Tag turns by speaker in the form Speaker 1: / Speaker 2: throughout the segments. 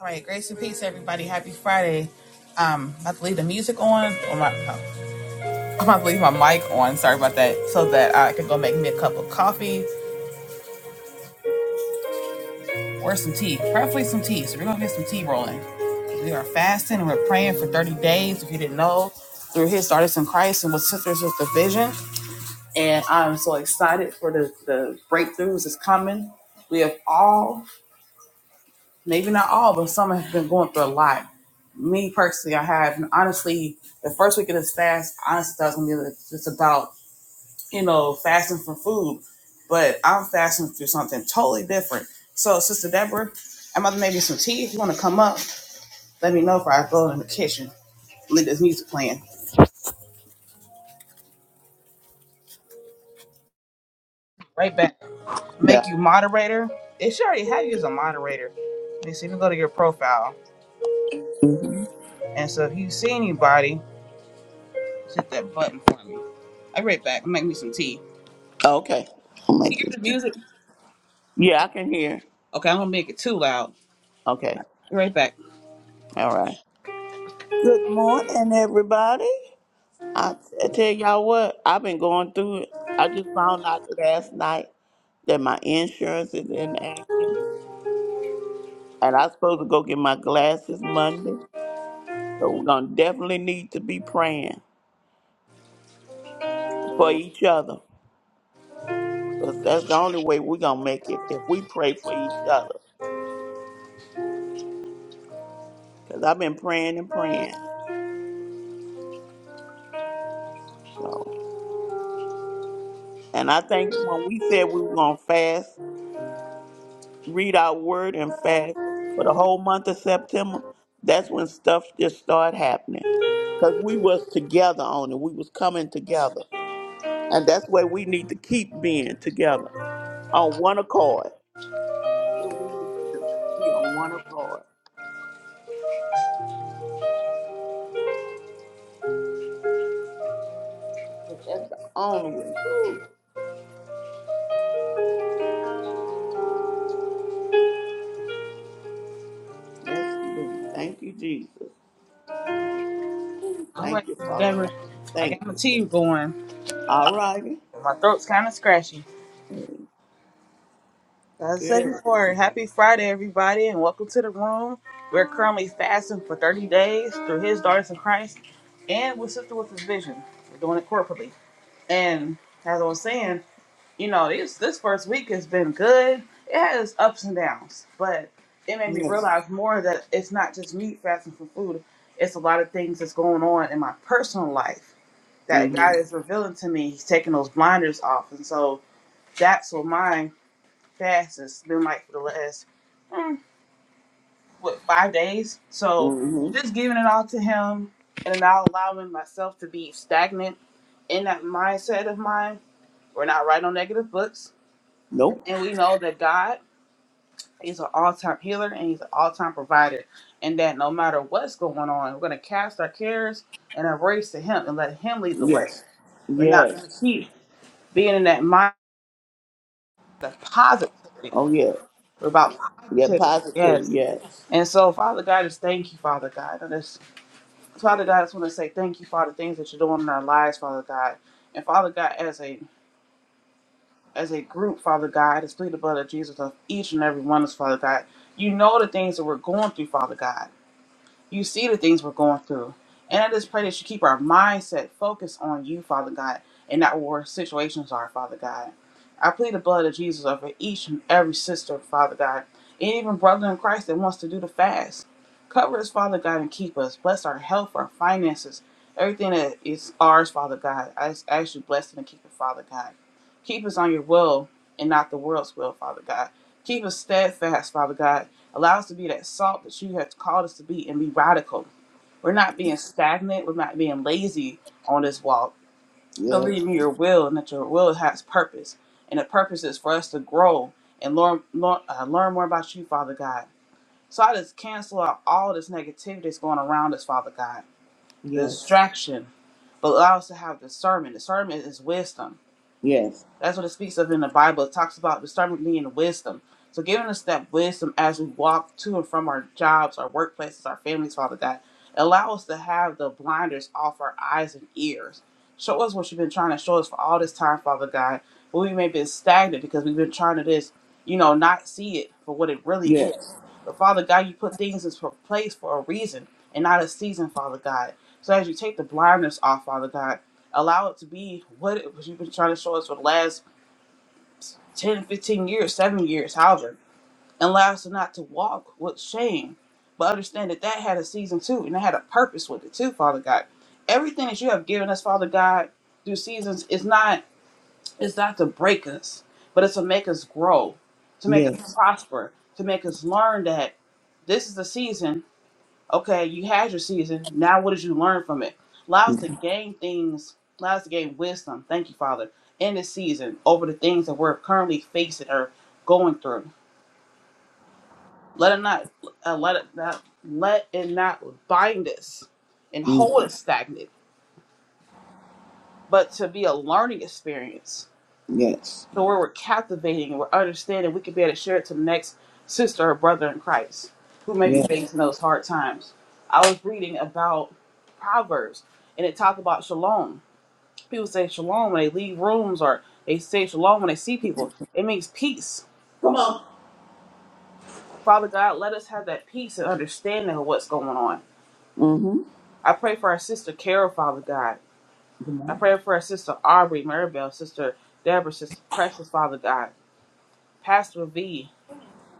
Speaker 1: All right, grace and peace, everybody. Happy Friday. Um, I'm about to leave the music on. Oh my, oh, I'm about to leave my mic on. Sorry about that. So that I can go make me a cup of coffee or some tea. Preferably some tea. So we're gonna get some tea rolling. We are fasting and we're praying for 30 days. If you didn't know, through His daughters in Christ and with Sisters with the Vision. And I'm so excited for the, the breakthroughs that's coming. We have all maybe not all, but some have been going through a lot. Me personally, I have. And honestly, the first week of this fast, honestly, that was gonna be just about you know fasting from food, but I'm fasting through something totally different. So, Sister Deborah, I'm about to make you some tea. If you want to come up, let me know if I go in the kitchen. Leave this music playing. Right back.
Speaker 2: Yeah.
Speaker 1: Make you moderator. It should already have you as a moderator. Let me see if you go to your profile.
Speaker 2: hmm
Speaker 1: And so if you see anybody, hit that button for me. I'll be right back. Make me some tea.
Speaker 2: Okay. Oh my
Speaker 1: Can you hear
Speaker 2: goodness.
Speaker 1: the music.
Speaker 2: Yeah, I can hear.
Speaker 1: Okay, I'm gonna make it too loud.
Speaker 2: Okay.
Speaker 1: Be right back.
Speaker 2: All right. Good morning, everybody. I, I tell y'all what, I've been going through it. I just found out last night that my insurance is inactive, and I'm supposed to go get my glasses Monday. So we're gonna definitely need to be praying for each other. 'Cause that's the only way we're gonna make it if we pray for each other. Cause I've been praying and praying. So, and I think when we said we were gonna fast. read our word and fast for the whole month of September, that's when stuff just started happening. Because we was together on it. We was coming together. And that's where we need to keep being together on one accord. That's what we need to do. Be on one accord. That's the only way. Ooh, yes, indeed. Thank you, Jesus. Ooh,
Speaker 1: All right,
Speaker 2: thank you,
Speaker 1: Sister
Speaker 2: Father God.
Speaker 1: Deborah, I got
Speaker 2: Thank
Speaker 1: my tea
Speaker 2: you.
Speaker 1: going.
Speaker 2: All righty.
Speaker 1: My throat's kind of scratchy. As I said
Speaker 2: Good.
Speaker 1: before, happy Friday, everybody, and welcome to the room. We're currently fasting for 30 days through His daughters in Christ, and with Sister with His Vision. We're doing it corporately. And as I was saying, you know, this this first week has been good. It had its ups and downs, but it made me
Speaker 2: Yes.
Speaker 1: realize more that it's not just me fasting for food. It's a lot of things that's going on in my personal life that
Speaker 2: Mm-hmm.
Speaker 1: God is revealing to me. He's taking those blinders off, and so that's what my fast has been like for the last mm, what five days. So
Speaker 2: Mm-hmm.
Speaker 1: just giving it all to Him and not allowing myself to be stagnant in that mindset of mine. We're not right on negative books,
Speaker 2: Nope.
Speaker 1: and we know that God. He's an all-time healer and he's an all-time provider. And that no matter what's going on, we're gonna cast our cares and our worries to him and let him lead the way.
Speaker 2: Yes.
Speaker 1: We're not gonna
Speaker 2: Yes.
Speaker 1: keep being in that mindset of positivity.
Speaker 2: Oh yeah.
Speaker 1: We're about
Speaker 2: Yeah,
Speaker 1: positivity.
Speaker 2: positive.
Speaker 1: Yes.
Speaker 2: Yes.
Speaker 1: And so, Father God, just thank you, Father God. And this, Father God, I just want to say thank you for all the things that you're doing in our lives, Father God. And Father God, as a as a group, Father God, I just plead the blood of Jesus of each and every one of us, Father God. You know the things that we're going through, Father God. You see the things we're going through. And I just pray that you keep our mindset focused on you, Father God, and not where our situations are, Father God. I plead the blood of Jesus over each and every sister, Father God, and even brother in Christ that wants to do the fast. Cover us, Father God, and keep us. Bless our health, our finances, everything that is ours, Father God. I just ask you to bless it and keep it, Father God. Keep us on your will and not the world's will, Father God. Keep us steadfast, Father God, Allow us to be that salt that you have called us to be and be radical. We're not being stagnant. We're not being lazy on this walk. Believe
Speaker 2: Yes.
Speaker 1: me, your will and that your will has purpose. And the purpose is for us to grow and learn, learn, uh, learn more about you, Father God. So I just cancel out all this negativity that's going around us, Father God. The
Speaker 2: Yes.
Speaker 1: distraction. But allow us to have discernment. Discernment is wisdom
Speaker 2: Yes.
Speaker 1: that's what it speaks of in the Bible. It talks about the discernment being wisdom. So giving us that wisdom as we walk to and from our jobs, our workplaces, our families, Father God. Allow us to have the blinders off our eyes and ears. Show us what you've been trying to show us for all this time, Father God. But we may have been stagnant because we've been trying to just, you know, not see it for what it really is.
Speaker 2: Yes.
Speaker 1: But Father God, you put things in place for a reason and not a season, Father God. So as you take the blindness off, Father God, allow it to be what it was you've been trying to show us for the last 10, 15 years, seven years, however, and allow us not to walk with shame, but understand that that had a season too, and it had a purpose with it too, Father God. Everything that you have given us, Father God, through seasons is not it's not to break us, but it's to make us grow, to make us
Speaker 2: Yes.
Speaker 1: prosper, to make us learn that this is the season Okay, you had your season. Now, what did you learn from it? Allow us to
Speaker 2: Mm-hmm.
Speaker 1: gain things, allow us to gain wisdom. Thank you, Father, in this season over the things that we're currently facing or going through. Let it not, uh, let it not, let it not bind us and
Speaker 2: mm-hmm.
Speaker 1: hold us stagnant, but to be a learning experience
Speaker 2: Yes.
Speaker 1: So where we're captivating, we're understanding, we can be able to share it to the next sister or brother in Christ who may be
Speaker 2: Yes.
Speaker 1: facing those hard times. I was reading about Proverbs and it talked about shalom. People say shalom when they leave rooms or they say shalom when they see people. It means peace.
Speaker 2: Come on.
Speaker 1: Father God, let us have that peace and understanding of what's going on.
Speaker 2: Mm-hmm.
Speaker 1: I pray for our sister Carol, Father God.
Speaker 2: Come
Speaker 1: I
Speaker 2: on.
Speaker 1: pray for our sister Aubrey, Maribel, sister Deborah, sister Precious, Father God. Pastor V,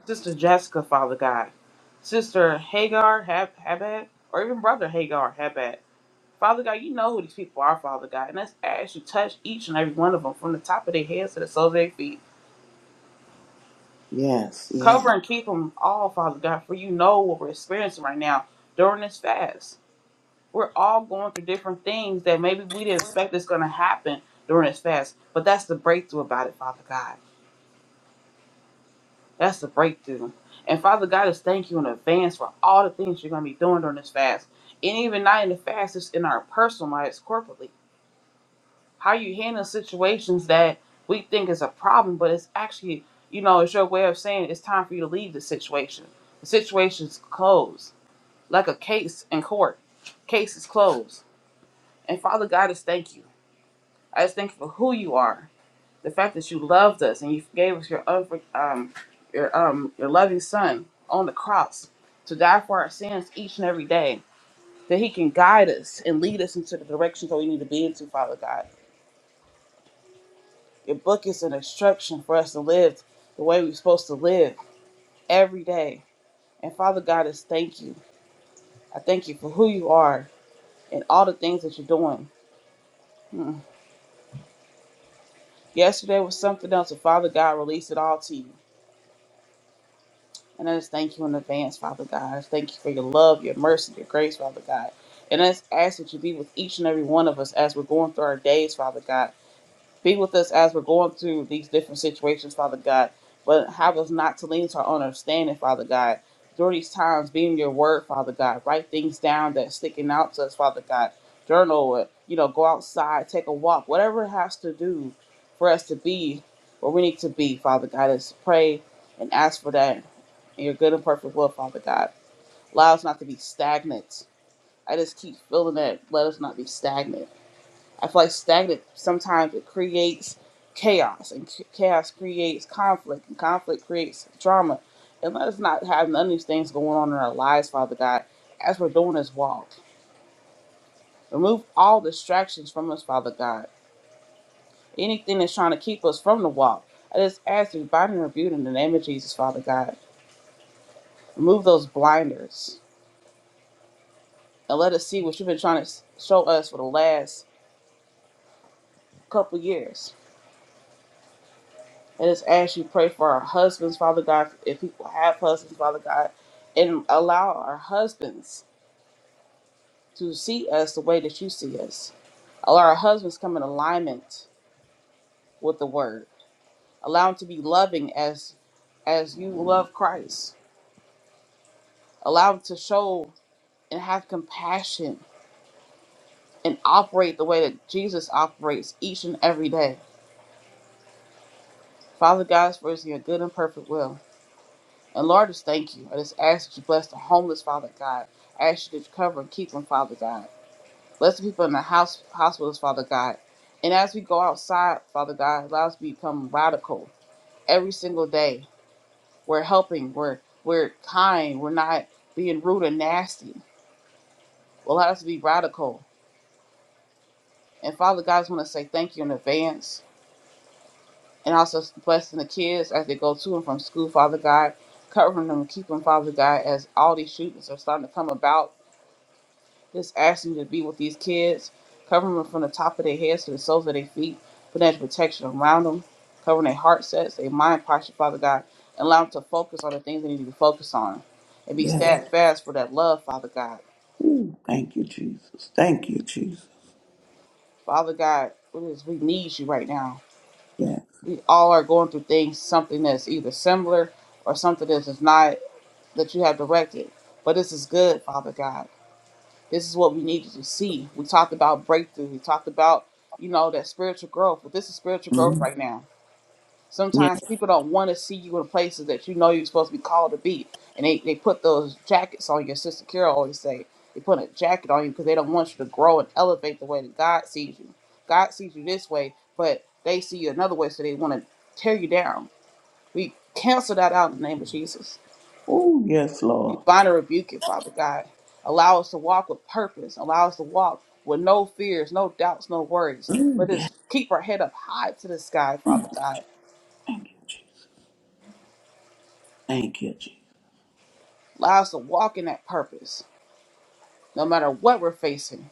Speaker 1: Sister Jessica, Father God. Sister Hagar Hab- Habad, or even Brother Hagar Habad. Father God, you know who these people are, Father God. And let's ask you touch each and every one of them from the top of their heads to the soles of their feet.
Speaker 2: Yes. Yes.
Speaker 1: Cover and keep them all, Father God, for you know what we're experiencing right now during this fast. We're all going through different things that maybe we didn't expect is going to happen during this fast, but that's the breakthrough about it, Father God. That's the breakthrough. And Father God, just thank you in advance for all the things you're going to be doing during this fast. And even not in the fast, it's in our personal lives corporately. How you handle situations that we think is a problem, but it's actually, you know, it's your way of saying it's time for you to leave the situation. The situation's closed, like a case in court. Case is closed. And Father God, just thank you. I just thank you for who you are the fact that you loved us and you gave us your unfor- um your um your loving son on the cross to die for our sins each and every day that he can guide us and lead us into the directions that we need to be into father god your book is an instruction for us to live the way we're supposed to live every day and father god is thank you i thank you for who you are and all the things that you're doing Hmm. yesterday was something else and father god released it all to you And I just thank you in advance, Father God. I just thank you for your love, your mercy, your grace, Father God. And I just ask that you be with each and every one of us as we're going through our days, Father God. Be with us as we're going through these different situations, Father God. But have us not to lean to our own understanding, Father God. During these times, be in your word, Father God. Write things down that's sticking out to us, Father God. Journal it. You know, go outside, take a walk, whatever it has to do for us to be where we need to be, Father God. Is pray and ask for that in your good and perfect will, Father God. Allow us not to be stagnant. I just keep feeling that. Let us not be stagnant I feel like stagnant sometimes it creates chaos, and ch- chaos creates conflict, and conflict creates drama. And let us not have none of these things going on in our lives, Father God, as we're doing this walk. Remove all distractions from us, Father God. Anything that's trying to keep us from the walk. I just ask you, bind and rebuke in the name of Jesus, Father God. Remove those blinders and let us see what you've been trying to s- show us for the last couple years And just ask you pray for our husbands, Father God, if people have husbands, Father God, and allow our husbands to see us the way that you see us. Allow our husbands to come in alignment with the word. Allow them to be loving as as you love Christ. Allow them to show and have compassion and operate the way that Jesus operates each and every day. Father God, for it's in your good and perfect will. And Lord, just thank you. I just ask that you bless the homeless, Father God. I ask you to cover and keep them, Father God. Bless the people in the house hospitals, Father God. And as we go outside, Father God, allow us to become radical every single day. We're helping, we're we're kind, we're not being rude or nasty. Allow us to be radical. And Father God, I just want to say thank you in advance. And also blessing the kids as they go to and from school, Father God. Covering them, and keep them, Father God, as all these shootings are starting to come about Just ask you to be with these kids, covering them from the top of their heads to the soles of their feet, putting that protection around them, covering their heart sets, their mind posture, Father God, and allow them to focus on the things they need to be focused on. And be Yes.
Speaker 2: Yes.
Speaker 1: steadfast for that love, Father God.
Speaker 2: Ooh, thank you, Jesus. Thank you, Jesus.
Speaker 1: Father God, it is- we need you right now.
Speaker 2: Yeah.
Speaker 1: We all are going through things, something that's either similar or something that is not that you have directed. But this is good, Father God. This is what we needed to see. We talked about breakthrough. We talked about, you know, that spiritual growth. But this is spiritual growth
Speaker 2: hmm
Speaker 1: right now.
Speaker 2: Yes.
Speaker 1: Sometimes people don't want to see you in places that you know you're supposed to be called to be. And they, they put those jackets on you. sister Carol always say. They put a jacket on you because they don't want you to grow and elevate the way that God sees you. God sees you this way, but they see you another way, so they want to tear you down. We cancel that out in the name of Jesus.
Speaker 2: Oh yes,
Speaker 1: We
Speaker 2: Lord.
Speaker 1: bind and rebuke it, Father God. Allow us to walk with purpose. Allow us to walk with no fears, no doubts, no worries.
Speaker 2: Ooh,
Speaker 1: Let
Speaker 2: yes.
Speaker 1: us keep our head up high to the sky, Father God.
Speaker 2: Thank you, Jesus. Thank you, Jesus.
Speaker 1: Allow us to walk in that purpose, no matter what we're facing.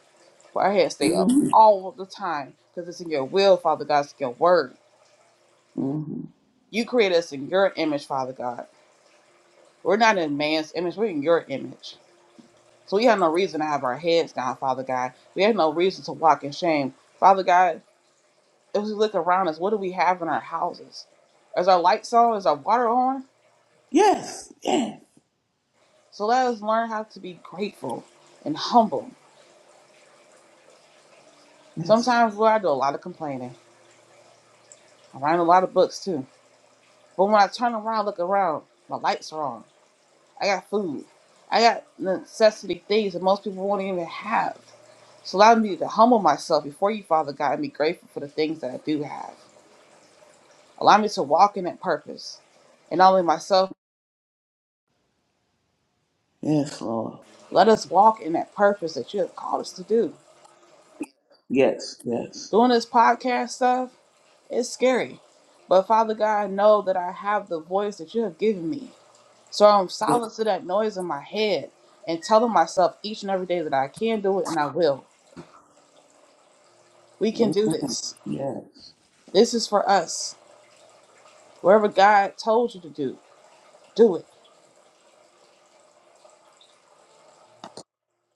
Speaker 1: For our heads stay up
Speaker 2: hmm
Speaker 1: all the time, because it's in your will, Father God. It's in your word.
Speaker 2: hmm
Speaker 1: You created us in your image, Father God. We're not in man's image, we're in your image. So we have no reason to have our heads down, Father God. We have no reason to walk in shame. Father God, If we look around us, what do we have in our houses? Is our lights on? Is our water on?
Speaker 2: Yes. Yes.
Speaker 1: So let us learn how to be grateful and humble.
Speaker 2: Yes.
Speaker 1: Sometimes, Lord, I do a lot of complaining. I write a lot of books too. But when I turn around, look around, my lights are on. I got food. I got necessity things that most people won't even have. So allow me to humble myself before you, Father God, and be grateful for the things that I do have. Allow me to walk in that purpose. And not only myself,
Speaker 2: Yes, Lord.
Speaker 1: let us walk in that purpose that you have called us to do.
Speaker 2: Yes. Yes.
Speaker 1: doing this podcast stuff is scary. But Father God, I know that I have the voice that you have given me. So I'm
Speaker 2: Yes.
Speaker 1: silent to that noise in my head and telling myself each and every day that I can do it and I will. We can do this.
Speaker 2: Yes.
Speaker 1: This is for us. Wherever God told you to do, do it.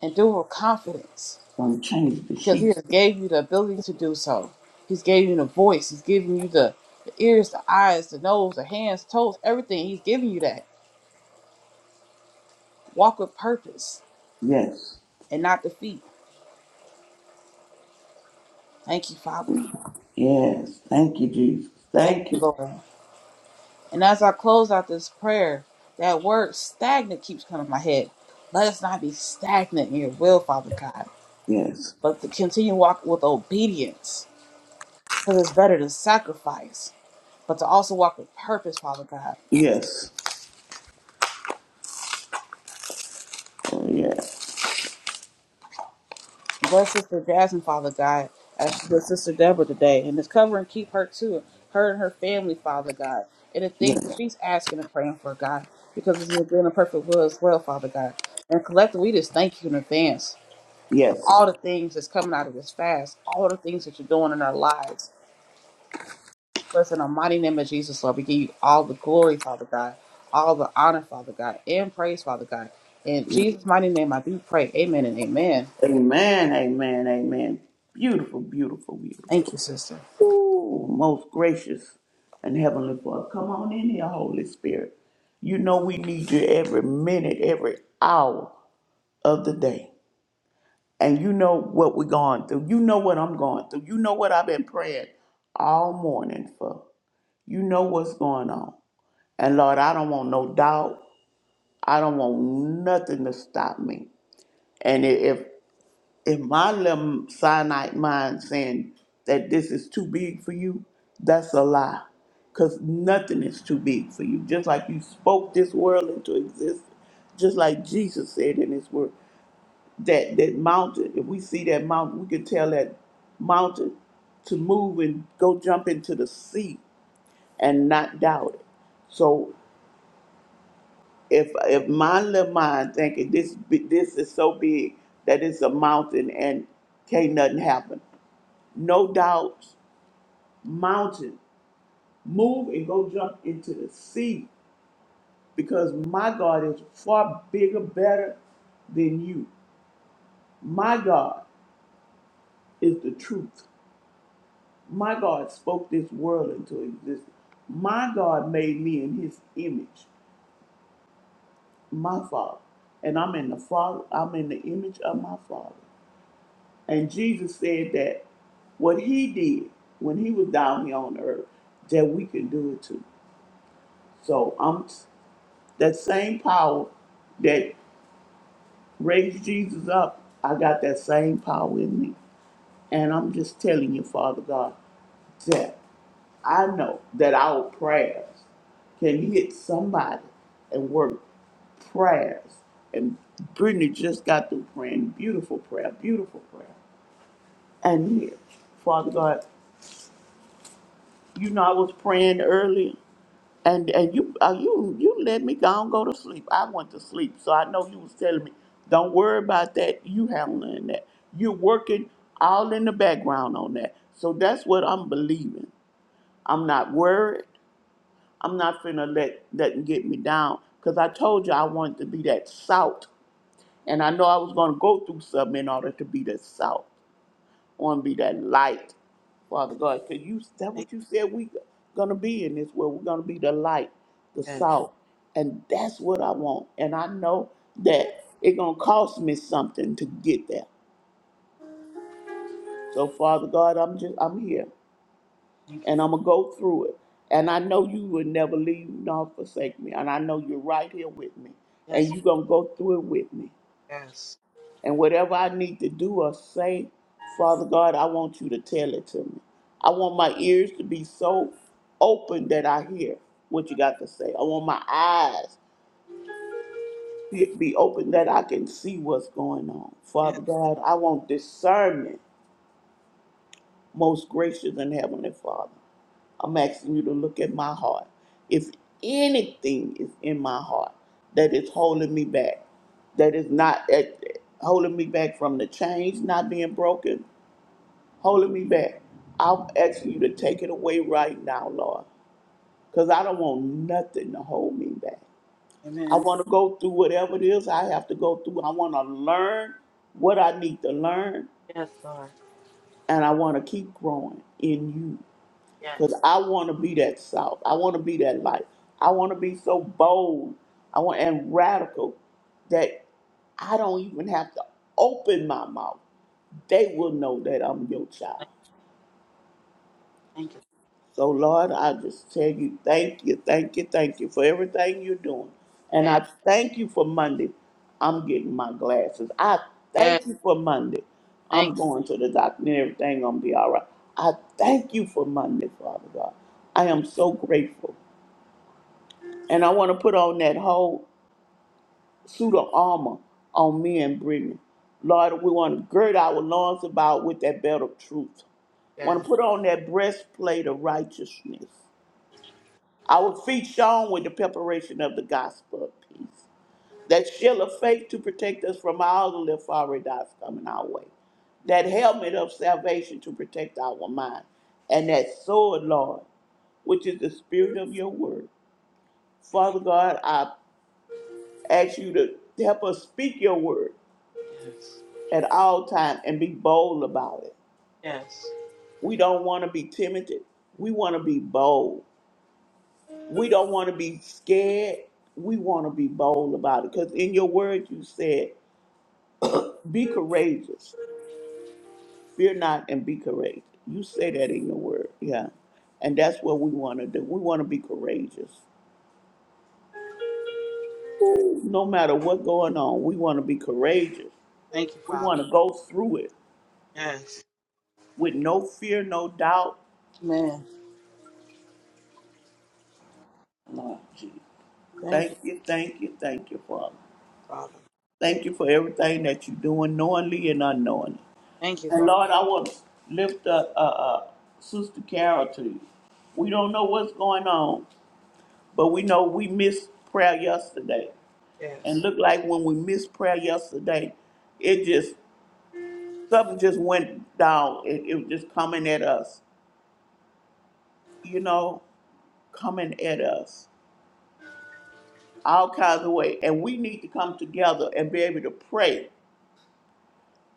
Speaker 1: And do it with confidence.
Speaker 2: Gonna change the
Speaker 1: Because He
Speaker 2: sheets.
Speaker 1: has gave you the ability to do so. He's gave you the voice. He's giving you the, the ears, the eyes, the nose, the hands, toes, everything. He's giving you that. Walk with purpose
Speaker 2: Yes.
Speaker 1: and not defeat. Thank you, Father.
Speaker 2: Yes. Thank you, Jesus.
Speaker 1: Thank
Speaker 2: Thank
Speaker 1: you,
Speaker 2: you.
Speaker 1: Lord. And as I close out this prayer, that word stagnant keeps coming to my head. Let us not be stagnant in your will, Father God,
Speaker 2: Yes.
Speaker 1: but to continue walk with obedience. Because it's better to sacrifice, but to also walk with purpose, Father God.
Speaker 2: Yes. Oh, yes.
Speaker 1: Bless Sister Jasmine, Father God, as she was Sister Deborah today, and just cover and keep her too, her and her family, Father God, and the things
Speaker 2: Yes.
Speaker 1: that she's asking and praying for, God, because it's your good and perfect will as well, Father God. And collectively, we just thank you in advance for
Speaker 2: Yes.
Speaker 1: all the things that's coming out of this fast, all the things that you're doing in our lives. Bless in the mighty name of Jesus, Lord, we give you all the glory, Father God, all the honor, Father God, and praise, Father God. In Jesus' mighty name, I do pray. Amen and amen.
Speaker 2: Amen. Amen. Amen. Beautiful, beautiful,
Speaker 1: Thank
Speaker 2: beautiful.
Speaker 1: you, sister.
Speaker 2: Ooh, most gracious and heavenly Father. Come on in here, Holy Spirit. You know we need you every minute, every hour of the day. And you know what we're going through. You know what I'm going through. You know what I've been praying all morning for. You know what's going on. And Lord, I don't want no doubt. I don't want nothing to stop me. And i- if if my little cyanide mind saying that this is too big for you, that's a lie. Cause nothing is too big for you. Just like you spoke this world into existence. Just like Jesus said in his word. That that mountain, if we see that mountain, we can tell that mountain to move and go jump into the sea and not doubt it. So if if my little mind thinking this bi- this is so big that it's a mountain and can't nothing happen, no doubt mountain move and go jump into the sea because my God is far bigger, better than you. My God is the truth. My God spoke this world into existence. My God made me in His image, my Father, and I'm in the Father. I'm in the image of my Father. And Jesus said that what he did when he was down here on earth, that we can do it too. So I'm that same power that raised Jesus up, I got that same power in me. And I'm just telling you, Father God, that I know that our prayers can hit somebody and work prayers. And Brittany just got through praying beautiful prayer, beautiful prayer. And here, Father God. You know, I was praying earlier, and and you uh, you you let me go and go to sleep. I went to sleep, so I know you was telling me, don't worry about that. You handling that. You're working all in the background on that. So that's what I'm believing. I'm not worried. I'm not finna let nothing get me down. Cause I told you I wanted to be that salt, and I know I was gonna go through something in order to be that salt want to be that light, Father God, because you that what you said we gonna be in this world. We're gonna be the light, the salt, and that's what I want. And I know that it gonna cost me something to get there. So Father God, I'm just I'm here,
Speaker 1: Thank you.
Speaker 2: and I'm gonna go through it. And I know you will never leave nor forsake me. And I know you're right here with me,
Speaker 1: Yes.
Speaker 2: and you're gonna go through it with me.
Speaker 1: Yes.
Speaker 2: And whatever I need to do or say, Father God, I want you to tell it to me. I want my ears to be so open that I hear what you got to say. I want my eyes to be open that I can see what's going on. Father
Speaker 1: Yes.
Speaker 2: God, I want discernment, most gracious and heavenly Father. I'm asking you to look at my heart. If anything is in my heart that is holding me back, that is not at, holding me back from the chains not being broken, holding me back. I'm asking you to take it away right now, Lord, because I don't want nothing to hold me back. I
Speaker 1: Amen.
Speaker 2: want to go through whatever it is I have to go through. I want to learn what I need to learn, and I want to keep growing in you
Speaker 1: Yeah.
Speaker 2: because I want to be that salt. I want to be that light. I want to be so bold I want, and radical that I don't even have to open my mouth. They will know that I'm your child.
Speaker 1: Thank you.
Speaker 2: So, Lord, I just tell you, thank you, thank you, thank you for everything you're doing. And
Speaker 1: Yeah.
Speaker 2: I thank you for Monday. I'm getting my glasses. I
Speaker 1: Yeah.
Speaker 2: thank you for Monday.
Speaker 1: Thank
Speaker 2: I'm going to the doctor and everything going to be all right. I thank you for Monday, Father God. I
Speaker 1: you.
Speaker 2: am so grateful. And I want to put on that whole suit of armor on me and Brittany. Lord, we want to gird our loins about with that belt of truth. Want
Speaker 1: Yeah.
Speaker 2: to put on that breastplate of righteousness. Our feet shone with the preparation of the gospel of peace. That shield of faith to protect us from all the little fiery darts coming our way. That helmet of salvation to protect our mind. And that sword, Lord, which is the spirit of your word. Father God, I ask you to help us speak your word
Speaker 1: Yes.
Speaker 2: at all times and be bold about it.
Speaker 1: Yes.
Speaker 2: We don't want to be timid. We want to be bold. We don't want to be scared. We want to be bold about it. Because in your word, you said, be courageous. Fear not and be courageous. You say that in your word. Yeah. And that's what we want to do. We want to be courageous. Ooh, no matter what going on, we want to be courageous.
Speaker 1: Thank you,
Speaker 2: We
Speaker 1: Father.
Speaker 2: want to go through it
Speaker 1: Yes.
Speaker 2: with no fear, no doubt.
Speaker 1: Amen.
Speaker 2: Lord Jesus.
Speaker 1: Thank you,
Speaker 2: Thank you, thank you, thank you, Father.
Speaker 1: Father.
Speaker 2: Thank you for everything that you're doing knowingly and unknowingly.
Speaker 1: Thank you,
Speaker 2: And
Speaker 1: Lord.
Speaker 2: Lord, I will lift up uh, uh, Sister Carol to you. We don't know what's going on, but we know we missed prayer yesterday. And
Speaker 1: Yes.
Speaker 2: look like when we missed prayer yesterday, it just, something just went down. It, it was just coming at us, you know, coming at us all kinds of way. And we need to come together and be able to pray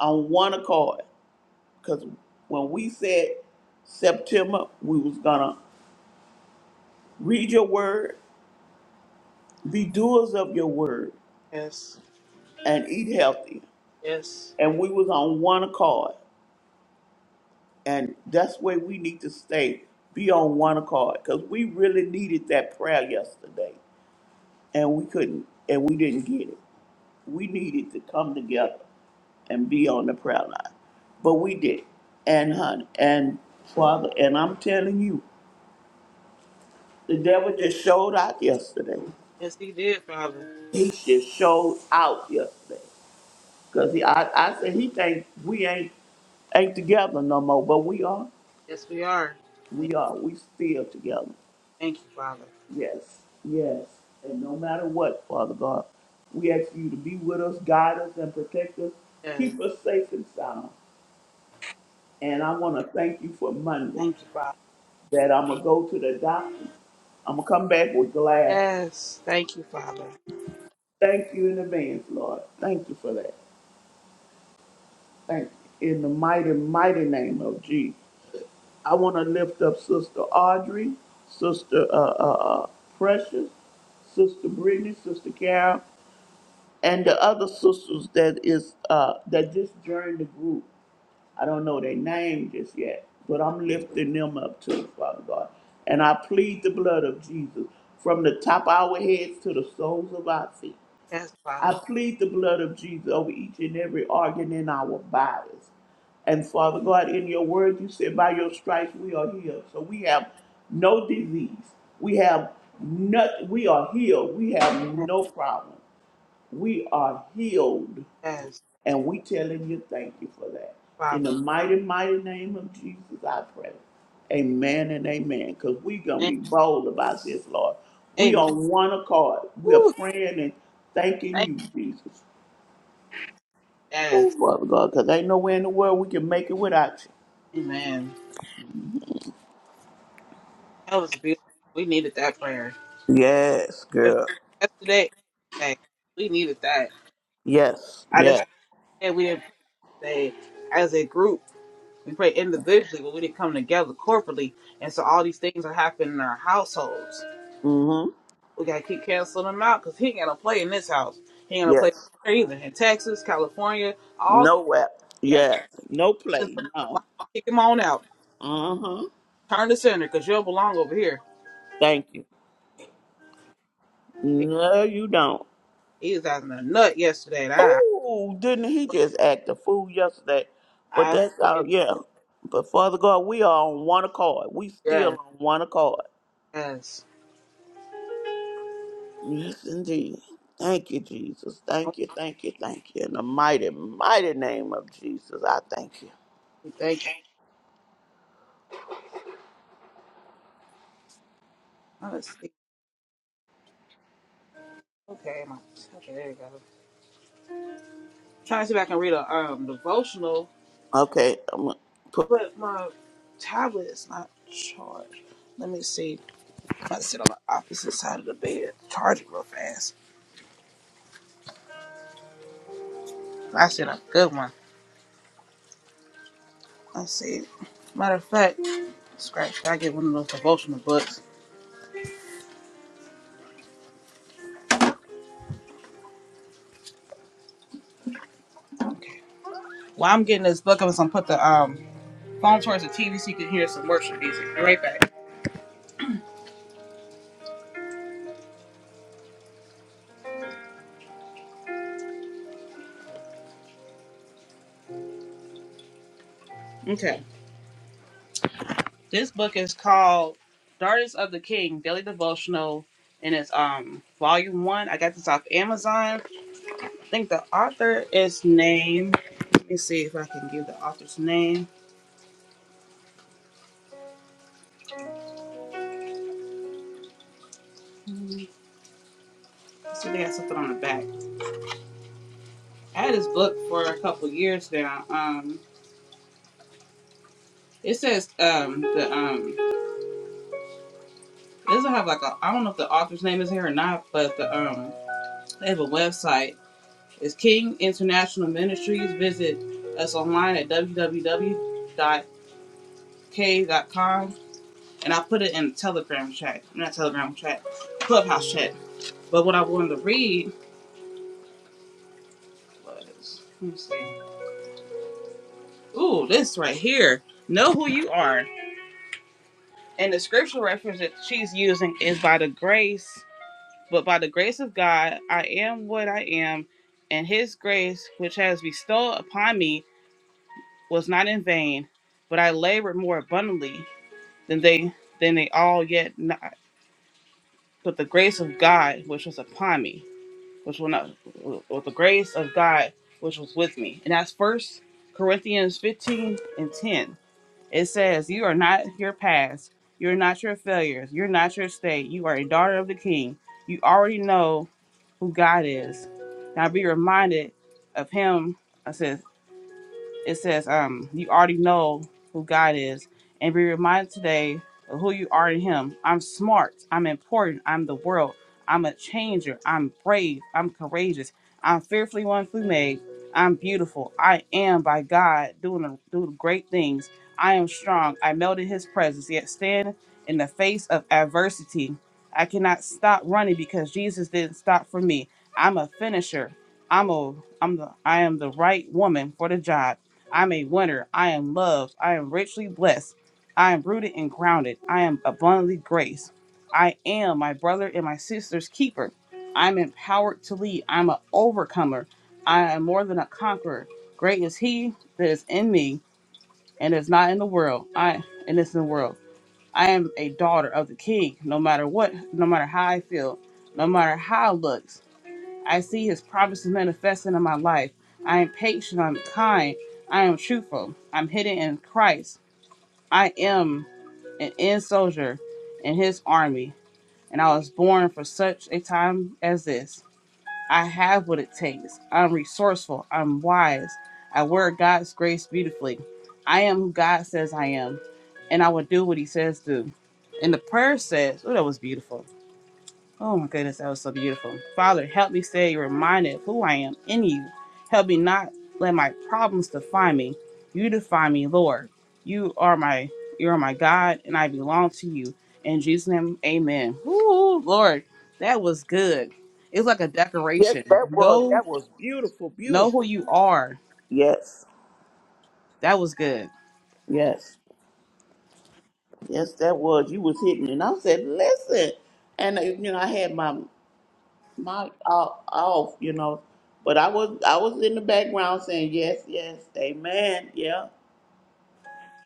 Speaker 2: on one accord. Because when we said September, we was going to read your word Be doers of your word
Speaker 1: Yes.
Speaker 2: and eat healthy.
Speaker 1: Yes.
Speaker 2: And we was on one accord. And that's where we need to stay. Be on one accord. Because we really needed that prayer yesterday. And we couldn't and we didn't get it. We needed to come together and be on the prayer line. But we did. And honey and father, and I'm telling you, the devil just showed out yesterday.
Speaker 1: Yes, He did, Father.
Speaker 2: He just showed out yesterday. Cause he, I, I said he think we ain't ain't together no more, but we are.
Speaker 1: Yes, we are. We
Speaker 2: We are. We still together.
Speaker 1: Thank you, Father.
Speaker 2: Yes, yes. And no matter what, Father God, we ask you to be with us, guide us, and protect us.
Speaker 1: Yes.
Speaker 2: Keep us safe and sound. And I want to thank you for Monday
Speaker 1: Thank you, Father.
Speaker 2: that I'm gonna go to the doctor. I'm gonna come back with glass.
Speaker 1: Yes. Thank you, Father.
Speaker 2: Thank you in advance, Lord. Thank you for that. Thank you in the mighty, mighty name of Jesus. I want to lift up Sister Audrey, Sister uh, uh, uh, Precious, Sister Brittany, Sister Carol, and the other sisters that is uh, that just joined the group. I don't know their name just yet, but I'm lifting them up too, Father God. And I plead the blood of Jesus from the top of our heads to the soles of our feet.
Speaker 1: Yes,
Speaker 2: I
Speaker 1: Father.
Speaker 2: plead the blood of Jesus over each and every organ in our bodies. And Father God, in your word, you said, by your stripes we are healed. So we have no disease. We have not, we are healed. We have no problem. We are healed.
Speaker 1: Yes,
Speaker 2: And we telling you thank you for that. In the
Speaker 1: Father.
Speaker 2: mighty, mighty name of Jesus, I pray. Amen and amen. Because we're going to
Speaker 1: Amen.
Speaker 2: be bold about this, Lord. We
Speaker 1: Amen.
Speaker 2: on one accord. We are
Speaker 1: Woo.
Speaker 2: praying and thanking
Speaker 1: Thank you.
Speaker 2: you, Jesus. Oh,
Speaker 1: Yes.
Speaker 2: Father God, because ain't nowhere in the world we can make it without
Speaker 1: Amen. That was beautiful. We needed that prayer.
Speaker 2: you. Yes,
Speaker 1: prayers
Speaker 2: girl.
Speaker 1: yesterday. and today. We needed that.
Speaker 2: Yes,
Speaker 1: I just
Speaker 2: yes.
Speaker 1: said we didn't pray as a group. We pray individually, but we didn't come together corporately. And so all these things are happening in our households.
Speaker 2: Mm-hmm.
Speaker 1: We gotta keep canceling them out because he ain't gonna play in this house. He ain't gonna play
Speaker 2: Yes.
Speaker 1: there either in Texas, California, all. the
Speaker 2: Nowhere.
Speaker 1: Yeah,
Speaker 2: Yes. No play. No.
Speaker 1: kick him on out.
Speaker 2: Uh-huh.
Speaker 1: Turn the center because you don't belong over here.
Speaker 2: Thank you.
Speaker 1: He
Speaker 2: No, you don't.
Speaker 1: he was out in a nut yesterday. And I,
Speaker 2: Oh, didn't he just act a fool yesterday? But
Speaker 1: I,
Speaker 2: that's our
Speaker 1: it,
Speaker 2: yeah. But Father God, we are on one accord. We still
Speaker 1: yes,
Speaker 2: on one accord.
Speaker 1: yes.
Speaker 2: Yes, indeed. Thank you, Jesus.
Speaker 1: Oh,
Speaker 2: Thank you, thank you, thank you. In the mighty, mighty name of Jesus, I thank you.
Speaker 1: Thank you. Let's see. Okay, my okay, there you go. trying to see if I can read a um devotional,
Speaker 2: Okay. I'm gonna put,
Speaker 1: but my tablet is not charged. Let me see. I'm gonna sit on the opposite side of the bed. Charge it real fast. I said a good one. Let's see. Matter of fact, scratch. I get one of those devotional books. Okay. While I'm getting this book, I'm just gonna put the um phone towards the TV so you can hear some worship music. Be right back. Okay. This book is called Daughters of the King Daily Devotional, and it's um volume one. I got this off Amazon. I think the author is named. Let me see if I can give the author's name. Let's see if they got something on the back. I had this book for a couple years now. Um, it says um the um it doesn't have like a I don't know if the author's name is here or not, but the um they have a website. It's King International Ministries. Visit us online at www.k.com and I put it in the Telegram chat, not Telegram chat, Clubhouse chat. But what I wanted to read was, let me see. Ooh, this right here. Know who you are. And the scripture reference that she's using is by the grace, but by the grace of God, I am what I am, and His grace, which has bestowed upon me, was not in vain, but I labored more abundantly than they than they all yet not. But the grace of God, which was upon me. which will not with the grace of God which was with me. And that's first Corinthians 15 and 10. It says, You are not your past, you're not your failures, you're not your state, you are a daughter of the king. You already know who God is. Now be reminded of him. I says it says, um, you already know who God is and be reminded today of who you are in him. I'm smart, I'm important, I'm the world, I'm a changer, I'm brave, I'm courageous, I'm fearfully and wonderfully made, I'm beautiful, I am by God doing doing great things. I am strong. I melt in his presence, yet stand in the face of adversity. I cannot stop running because Jesus didn't stop for me. I'm a finisher. I'm a I'm the I am the right woman for the job. I'm a winner. I am loved. I am richly blessed. I am rooted and grounded. I am abundantly graced. I am my brother and my sister's keeper. I'm empowered to lead. I'm an overcomer. I am more than a conqueror. Great is he that is in me and is not in the world. I and is in the world. I am a daughter of the king, no matter what, no matter how I feel, no matter how it looks. I see his promises manifesting in my life. I am patient, I'm kind, I am truthful, I'm hidden in Christ. I am an end soldier in his army, and I was born for such a time as this. I have what it takes. I'm resourceful, I'm wise, I wear God's grace beautifully. I am who God says I am, and I will do what he says do. And the prayer says, oh, that was beautiful. Oh my goodness, that was so beautiful. Father, help me stay reminded of who I am in you. Help me not let my problems define me. You define me, Lord. You are my you are my God and I belong to you. In Jesus' name, amen. Ooh, Lord, that was good. It's like a
Speaker 2: yes,
Speaker 1: decoration.
Speaker 2: that was
Speaker 1: Know
Speaker 2: that was beautiful,
Speaker 1: know who
Speaker 2: beautiful.
Speaker 1: you are.
Speaker 2: Yes,
Speaker 1: That was good.
Speaker 2: yes, yes, that was. You was hitting, and I said, "Listen," and uh, you know, I had my my uh, off, you know, but I was I was in the background saying, "Yes, yes, amen, yeah,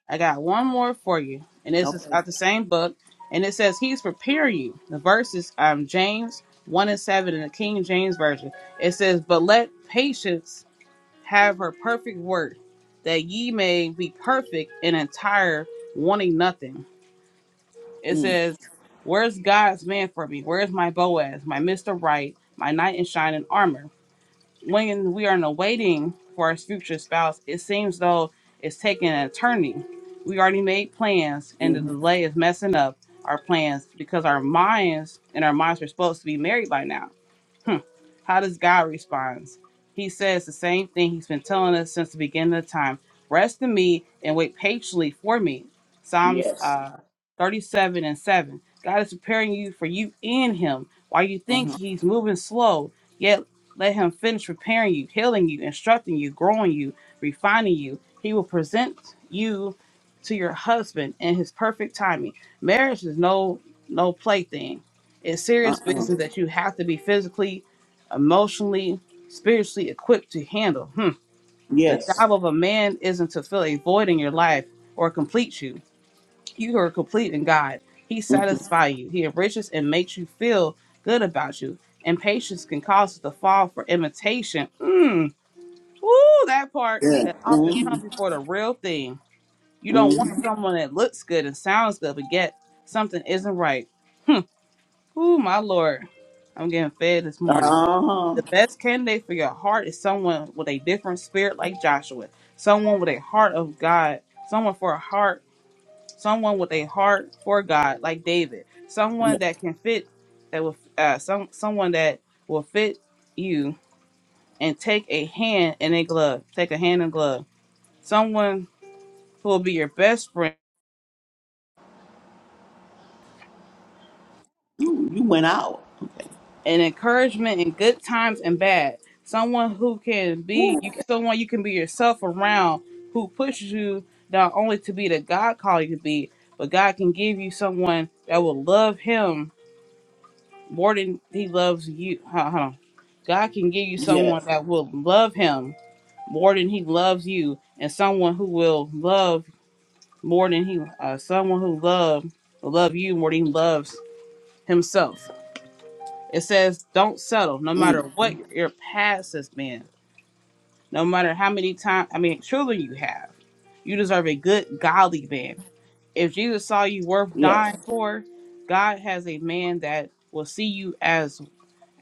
Speaker 1: I got one more for you, and this is
Speaker 2: okay,
Speaker 1: out the same book, and it says He's preparing you. The verse is um, James one and seven in the King James version. It says, "But let patience have her perfect work, that ye may be perfect and entire, wanting nothing." It
Speaker 2: mm,
Speaker 1: says, "Where's God's man for me? Where's my Boaz, my Mister Right, my knight in shining armor?" when we are in a waiting for our future spouse, it seems though it's taking an attorney. We already made plans, and the
Speaker 2: hmm
Speaker 1: delay is messing up our plans because our minds and our minds are supposed to be married by now. Hmm. How does God respond? He says the same thing he's been telling us since the beginning of time. Rest in me and wait patiently for me. Psalms
Speaker 2: yes,
Speaker 1: uh, 37 and 7. God is preparing you for you in him. While you think
Speaker 2: uh-huh,
Speaker 1: he's moving slow, yet let him finish preparing you, healing you, instructing you, growing you, refining you. He will present you to your husband in his perfect timing. Marriage is no no plaything it's serious
Speaker 2: uh-uh,
Speaker 1: business that you have to be physically, emotionally, spiritually equipped to handle. Hmm. The
Speaker 2: yes,
Speaker 1: job of a man isn't to fill a void in your life or complete you. You are complete in God. He
Speaker 2: hmm
Speaker 1: satisfies you. He enriches and makes you feel good about you. Impatience can cause us to fall for imitation. Mm. Ooh, that part
Speaker 2: yeah,
Speaker 1: that often
Speaker 2: hmm
Speaker 1: comes before the real thing. You don't
Speaker 2: hmm
Speaker 1: want someone that looks good and sounds good, but yet something isn't right. Ooh, my lord. I'm getting fed this morning.
Speaker 2: uh-huh,
Speaker 1: The best candidate for your heart is someone with a different spirit like Joshua, someone with a heart of God, someone for a heart, someone with a heart for God like David, someone
Speaker 2: yeah.
Speaker 1: that can fit that will uh, some someone that will fit you and take a hand in a glove, take a hand in glove. Someone who will be your best friend
Speaker 2: Mm, you went out,
Speaker 1: and encouragement in good times and bad. Someone who can be
Speaker 2: Woo.
Speaker 1: you, someone you can be yourself around, who pushes you not only to be the God called you to be, but God can give you someone that will love Him more than He loves you. Huh, huh. God can give you someone
Speaker 2: yes,
Speaker 1: that will love Him more than He loves you, and someone who will love more than He, uh, someone who love will love you more than He loves Himself. It says, don't settle, no matter
Speaker 2: mm,
Speaker 1: what your past has been, no matter how many times, I mean, children you have. You deserve a good, godly man. If Jesus saw you worth
Speaker 2: yes."
Speaker 1: dying for, God has a man that will see you as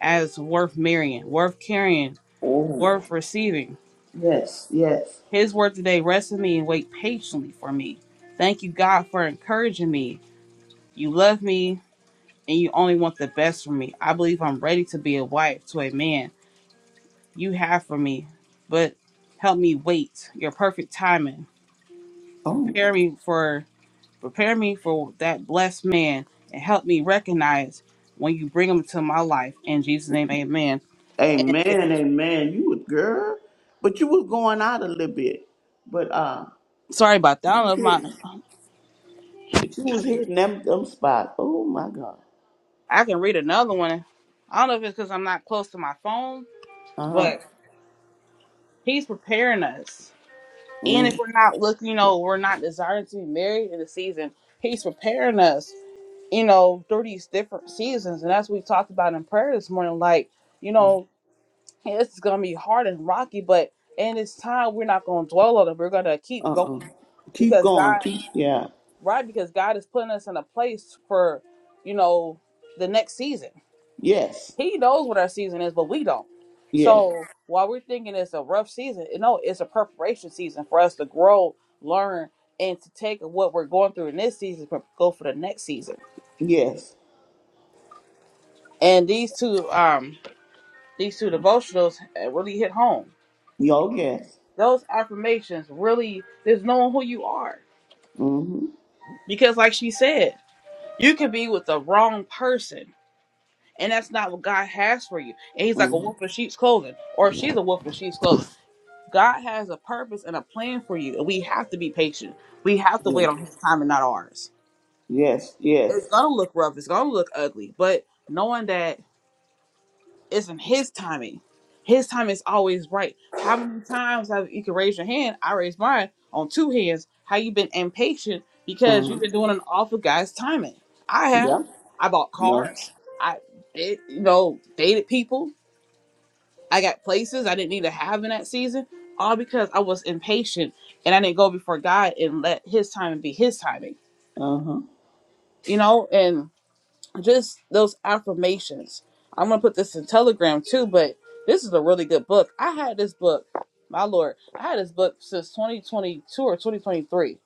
Speaker 1: as worth marrying, worth carrying,
Speaker 2: Oh,
Speaker 1: worth receiving.
Speaker 2: yes, yes.
Speaker 1: His word today, rest in me and wait patiently for me. Thank you, God, for encouraging me. You love me and you only want the best for me. I believe I'm ready to be a wife to a man you have for me, but help me wait your perfect timing.
Speaker 2: Oh,
Speaker 1: Prepare me for prepare me for that blessed man and help me recognize when you bring him to my life. In Jesus' name, amen.
Speaker 2: amen, amen. You was girl, but you was going out a little bit, but uh,
Speaker 1: Sorry about that. I
Speaker 2: you
Speaker 1: don't
Speaker 2: was
Speaker 1: know if my
Speaker 2: hitting, but you was hitting them them spots. Oh my God.
Speaker 1: I can read another one. I don't know if it's because I'm not close to my phone,
Speaker 2: Uh huh.
Speaker 1: but he's preparing us. And if
Speaker 2: Mm,
Speaker 1: we're not looking, you know, we're not desiring to be married in the season, he's preparing us you know, through these different seasons. And as we talked about in prayer this morning, like, you know, this is going to be hard and rocky, but in this time, we're not going to dwell on it. We're going to
Speaker 2: uh
Speaker 1: keep going
Speaker 2: uh. Keep
Speaker 1: because
Speaker 2: going.
Speaker 1: God,
Speaker 2: Keep. Yeah.
Speaker 1: right? Because God is putting us in a place for, you know, the next season.
Speaker 2: Yes.
Speaker 1: He knows what our season is, but we don't.
Speaker 2: Yes.
Speaker 1: So while we're thinking it's a rough season, you know, it's a preparation season for us to grow, learn, and to take what we're going through in this season, but go for the next season.
Speaker 2: Yes.
Speaker 1: And these two, um, These two devotionals uh, really hit home.
Speaker 2: Yo. Yes.
Speaker 1: Those affirmations really, there's knowing who you are.
Speaker 2: Mhm.
Speaker 1: Because, like she said, you can be with the wrong person, and that's not what God has for you. And He's like a
Speaker 2: Mhm.
Speaker 1: wolf in sheep's clothing, or she's a wolf in sheep's clothing. God has a purpose and a plan for you, and we have to be patient. We have to wait
Speaker 2: Yes.
Speaker 1: on His time and not ours.
Speaker 2: Yes. Yes.
Speaker 1: It's gonna look rough. It's gonna look ugly, but knowing that It's in His timing. His time is always right. How many times have you can raise your hand? I raised mine on two hands. How you been impatient
Speaker 2: Uh
Speaker 1: because
Speaker 2: huh.
Speaker 1: you've been doing an awful guy's timing. I have.
Speaker 2: Yeah.
Speaker 1: I bought
Speaker 2: No.
Speaker 1: cars. I did, you know, dated people. I got places I didn't need to have in that season, all because I was impatient and I didn't go before God and let His timing be His timing.
Speaker 2: Uh huh.
Speaker 1: You know, and just those affirmations. I'm gonna put this in Telegram too, but this is a really good book. I had this book, my lord, I had this book since 2022 or 2023,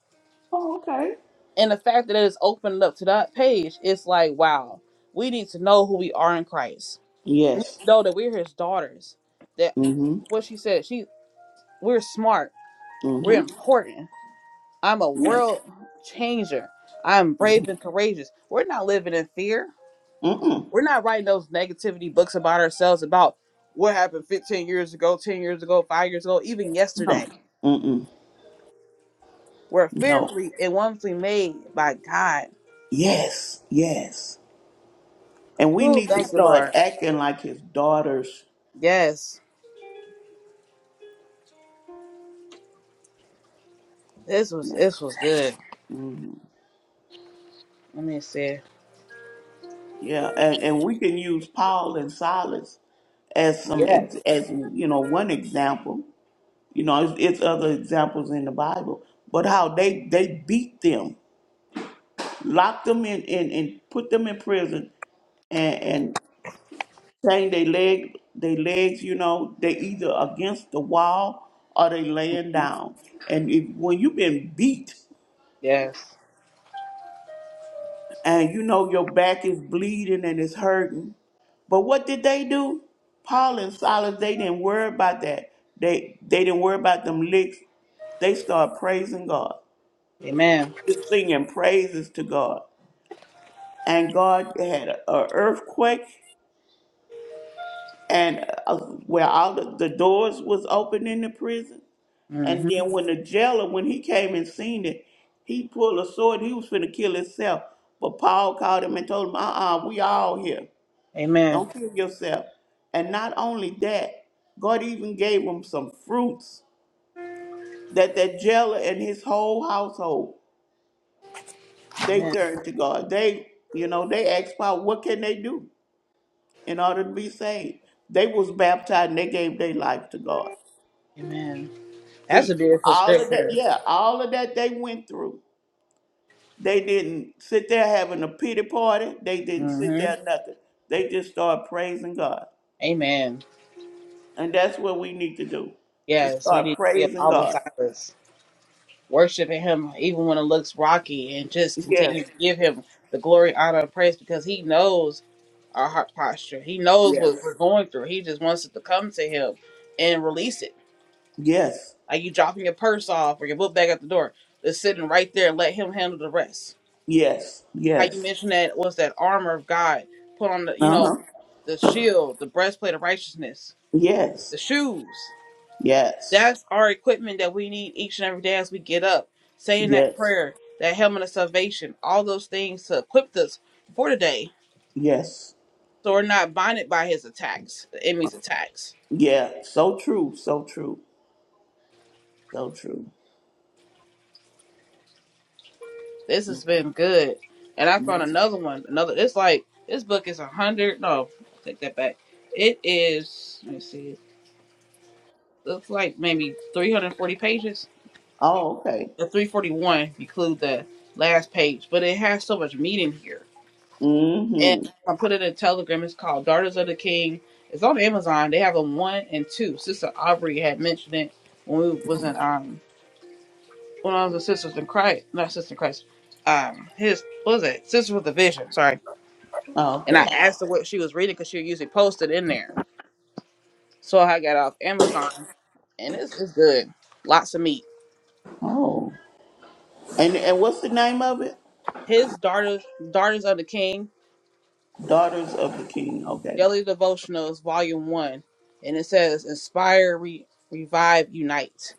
Speaker 2: Oh, okay.
Speaker 1: and the fact that it is opened up to that page, it's like wow. We need to know who we are in Christ. We need
Speaker 2: Yes.
Speaker 1: to know that we're His daughters. That
Speaker 2: Mhm.
Speaker 1: what she said, she we're smart, we're
Speaker 2: Mhm.
Speaker 1: important. I'm a
Speaker 2: Yes.
Speaker 1: world changer. I'm brave and courageous. We're not living in fear.
Speaker 2: Mm-mm.
Speaker 1: We're not writing those negativity books about ourselves about what happened 15 years ago, 10 years ago, 5 years ago, even
Speaker 2: No.
Speaker 1: yesterday.
Speaker 2: Mm-mm.
Speaker 1: We're
Speaker 2: No.
Speaker 1: fearfully and wonderfully made by God.
Speaker 2: Yes. Yes. And we
Speaker 1: Who
Speaker 2: need to
Speaker 1: thank you,
Speaker 2: start
Speaker 1: Lord.
Speaker 2: acting like his daughters.
Speaker 1: Yes. This was this was good.
Speaker 2: Mhm.
Speaker 1: Let me see.
Speaker 2: Yeah. And, and we can use Paul and Silas as some,
Speaker 1: Yes,
Speaker 2: ex- as, you know, one example. You know, it's, it's other examples in the Bible, but how they, they beat them, locked them in, in and put them in prison. and. saying they leg they legs you know they either against the wall or they laying down and if, when you've been beat
Speaker 1: Yes.
Speaker 2: and you know your back is bleeding and it's hurting but what did they do paul and silas they didn't worry about that they they didn't worry about them licks they start praising god
Speaker 1: Amen.
Speaker 2: just singing praises to god and god had a, a earthquake and uh, where all the, the doors was open in the prison And
Speaker 1: Mm-hmm.
Speaker 2: then when the jailer, when he came and seen it, he pulled a sword. He was finna kill himself. But Paul called him and told him, uh-uh, we all here.
Speaker 1: Amen.
Speaker 2: Don't kill yourself. And not only that, God even gave him some fruits that that jailer and his whole household, they
Speaker 1: Amen.
Speaker 2: turned to God. They, you know, they asked Paul, what can they do in order to be saved? They was baptized and they gave their life to God.
Speaker 1: Amen. That's
Speaker 2: See,
Speaker 1: a beautiful
Speaker 2: all of that,
Speaker 1: scripture.
Speaker 2: yeah, all of that they went through They didn't sit there having a pity party. They didn't sit
Speaker 1: Mm-hmm.
Speaker 2: there nothing. They just start praising God.
Speaker 1: Amen.
Speaker 2: And that's what we need to do. To
Speaker 1: Yes, we
Speaker 2: start
Speaker 1: need to be a
Speaker 2: praising
Speaker 1: Paul and
Speaker 2: God.
Speaker 1: Silas. worshiping him even when it looks rocky and just
Speaker 2: Yes.
Speaker 1: continue to give him the glory, honor, and praise because he knows our heart posture. He knows
Speaker 2: Yes.
Speaker 1: what we're going through. He just wants it to come to him and release it.
Speaker 2: Yes.
Speaker 1: Like you dropping your purse off or your book bag at the door. Just sitting right there and let him handle the rest.
Speaker 2: Yes.
Speaker 1: How you
Speaker 2: Yes.
Speaker 1: mentioned that was that armor of God. Put on the you know,
Speaker 2: Uh-huh.
Speaker 1: the shield, the breastplate of righteousness,
Speaker 2: Yes.
Speaker 1: the shoes.
Speaker 2: Yes.
Speaker 1: That's our equipment that we need each and every day as we get up, saying that
Speaker 2: Yes.
Speaker 1: prayer, that helmet of salvation, all those things to equip us for the day.
Speaker 2: Yes.
Speaker 1: So we're not bonded by his attacks, the enemy's attacks.
Speaker 2: Yeah. So true. So true. So true.
Speaker 1: This
Speaker 2: Mm-hmm.
Speaker 1: has been good. And I found
Speaker 2: Yes.
Speaker 1: another one. Another it's like this book is a hundred no, take that back. It is let me see. Looks like maybe three hundred and forty pages.
Speaker 2: Oh, okay.
Speaker 1: Or three forty one if you include the last page. But it has so much meat in here and
Speaker 2: Mm-hmm.
Speaker 1: I put it in Telegram. It's called Daughters of the King. It's on Amazon. They have a one and two. Sister Aubrey had mentioned it when we was in um when I was a Sisters in Christ, not Sisters in Christ. Um, his what was it? Sisters with a Vision. Sorry.
Speaker 2: Oh,
Speaker 1: And I
Speaker 2: okay.
Speaker 1: asked her what she was reading because she usually posted in there. So I got off Amazon, and it's it's good. Lots of meat.
Speaker 2: Oh. And and what's the name of it?
Speaker 1: His daughters, Daughters of the King,
Speaker 2: Daughters of the King. Okay.
Speaker 1: Daily Devotionals, Volume One, and it says inspire, re, revive, unite.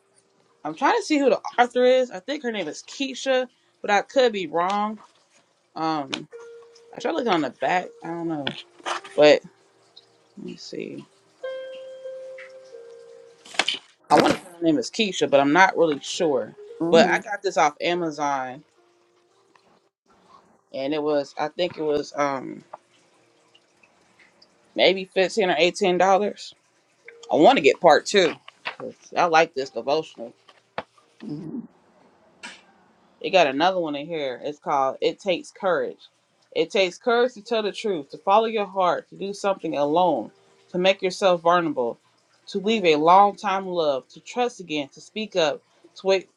Speaker 1: I'm trying to see who the author is. I think her name is Keisha, but I could be wrong. Um, I tried looking on the back. I don't know, but let me see. I want to say her name is Keisha, but I'm not really sure.
Speaker 2: Mm-hmm.
Speaker 1: But I got this off Amazon, and it was I think it was um maybe fifteen or eighteen dollars. I want to get part two. 'cause I like this devotional.
Speaker 2: Mhm,
Speaker 1: They got another one in here. It's called It Takes Courage. It takes courage to tell the truth, to follow your heart, to do something alone, to make yourself vulnerable, to leave a long time love, to trust again, to speak up, to wait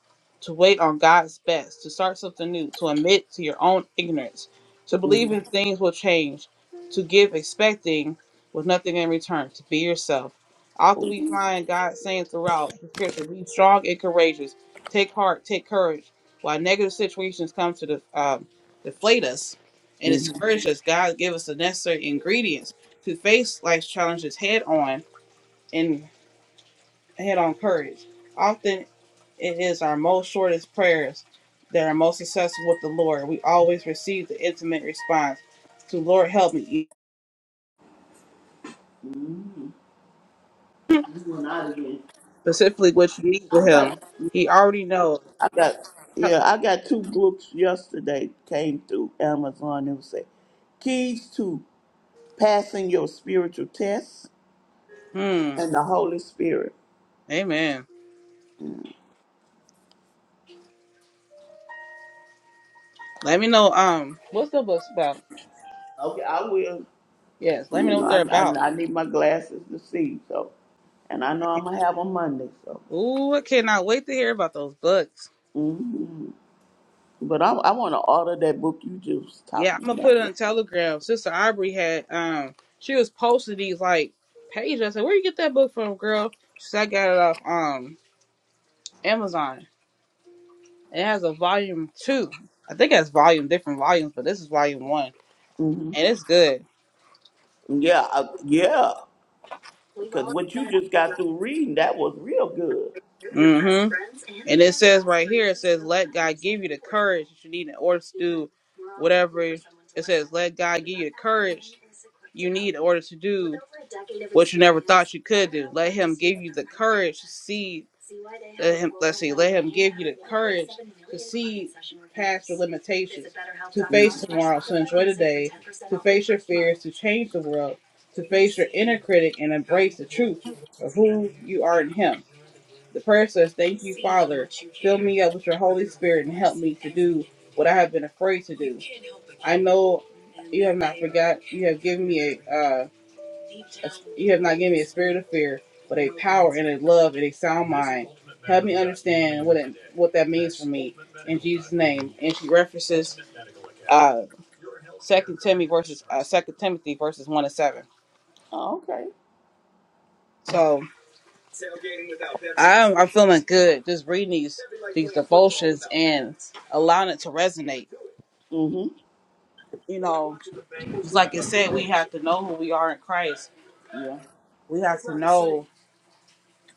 Speaker 1: to wait on God's best, to start something new, to admit to your own ignorance, to believe
Speaker 2: mhm,
Speaker 1: in things will change, to give expecting with nothing in return, to be yourself. Often we find God saying throughout the scripture, be strong and courageous, take heart, take courage. While negative situations come to def- um, deflate us and
Speaker 2: mhm.
Speaker 1: discourage us, God give us the necessary ingredients to face life's challenges head on and head on courage. Often it is our most shortest prayers that are most successful with the Lord. We always receive the intimate response to Lord help me,
Speaker 2: You went out again.
Speaker 1: specifically what you need
Speaker 2: I
Speaker 1: with him.
Speaker 2: got
Speaker 1: He already knows.
Speaker 2: I got yeah, I got two books yesterday came through Amazon. It was say Keys to Passing Your Spiritual Tests
Speaker 1: Hmm.
Speaker 2: and the Holy Spirit.
Speaker 1: Amen. Let me know um what's the books about.
Speaker 2: Okay, I will.
Speaker 1: Yes, let me
Speaker 2: You
Speaker 1: know
Speaker 2: know,
Speaker 1: what they're
Speaker 2: I,
Speaker 1: about.
Speaker 2: I, I need my glasses to see. So, and I know I'm gonna have them Monday. So,
Speaker 1: Ooh, I cannot wait to hear about those books.
Speaker 2: hmm but I, I want to order that book you just
Speaker 1: Yeah,
Speaker 2: talking
Speaker 1: I'm gonna
Speaker 2: about.
Speaker 1: put it on Telegram. Sister Aubrey had um she was posting these like pages. I said, Where you get that book from, girl? She said I got it off um Amazon. It has a volume two. I think it has volume different volumes, but this is volume one.
Speaker 2: hmm
Speaker 1: And it's good.
Speaker 2: Yeah, I, yeah, because what you just got through reading that was real good.
Speaker 1: hmm And it says right here, it says, let God give you the courage that you need in order to do whatever. It says, let God give you the courage you need in order to do what you never thought you could do. Let Him give you the courage to see. Let him, let's see, let Him give you the courage to see past your limitations, to
Speaker 2: Mm.
Speaker 1: face tomorrow, to enjoy the day, to face your fears, to change the world, to face your inner critic and embrace the truth of who you are in Him. The prayer says, Thank you, Father. Fill me up with your Holy Spirit and help me to do what I have been afraid to do. I know you have not forgot. You have given me a, uh, a you have not given me a spirit of fear, but a power and a love and a sound mind. Help me understand what it, what that means for me in Jesus' name. And she references uh, Second Timothy verses uh, Second Timothy verses one and seven.
Speaker 2: Oh, okay.
Speaker 1: So I'm I'm feeling good just reading these these devotions and allowing it to resonate.
Speaker 2: Mm-hmm.
Speaker 1: you know, just like it said, we have to know who we are in Christ.
Speaker 2: Yeah.
Speaker 1: We have to know,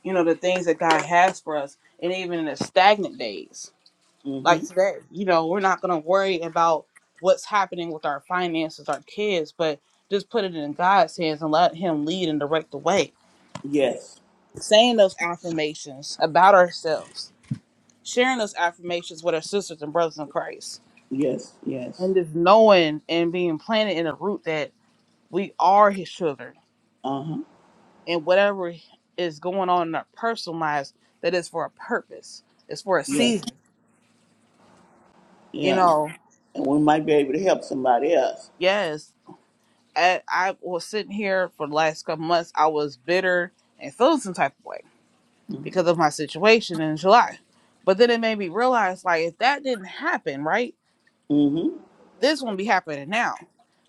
Speaker 1: you know, the things that God has for us. And even in the stagnant days,
Speaker 2: Mm-hmm.
Speaker 1: like today, you know, we're not going to worry about what's happening with our finances, our kids, but just put it in God's hands and let Him lead and direct the way.
Speaker 2: Yes.
Speaker 1: Saying those affirmations about ourselves, sharing those affirmations with our sisters and brothers in Christ,
Speaker 2: Yes. Yes.
Speaker 1: and just knowing and being planted in a root that we are His children
Speaker 2: Uh-huh.
Speaker 1: and whatever is going on in our personal lives that is for a purpose. It's for a
Speaker 2: Yeah.
Speaker 1: season. You
Speaker 2: Yeah.
Speaker 1: know,
Speaker 2: And we might be able to help somebody else.
Speaker 1: yes. I, I was sitting here for the last couple months. I was bitter and feeling some type of way because of my situation in July. But then it made me realize, like, if that didn't happen, right,
Speaker 2: Mm-hmm.
Speaker 1: this wouldn't be happening now.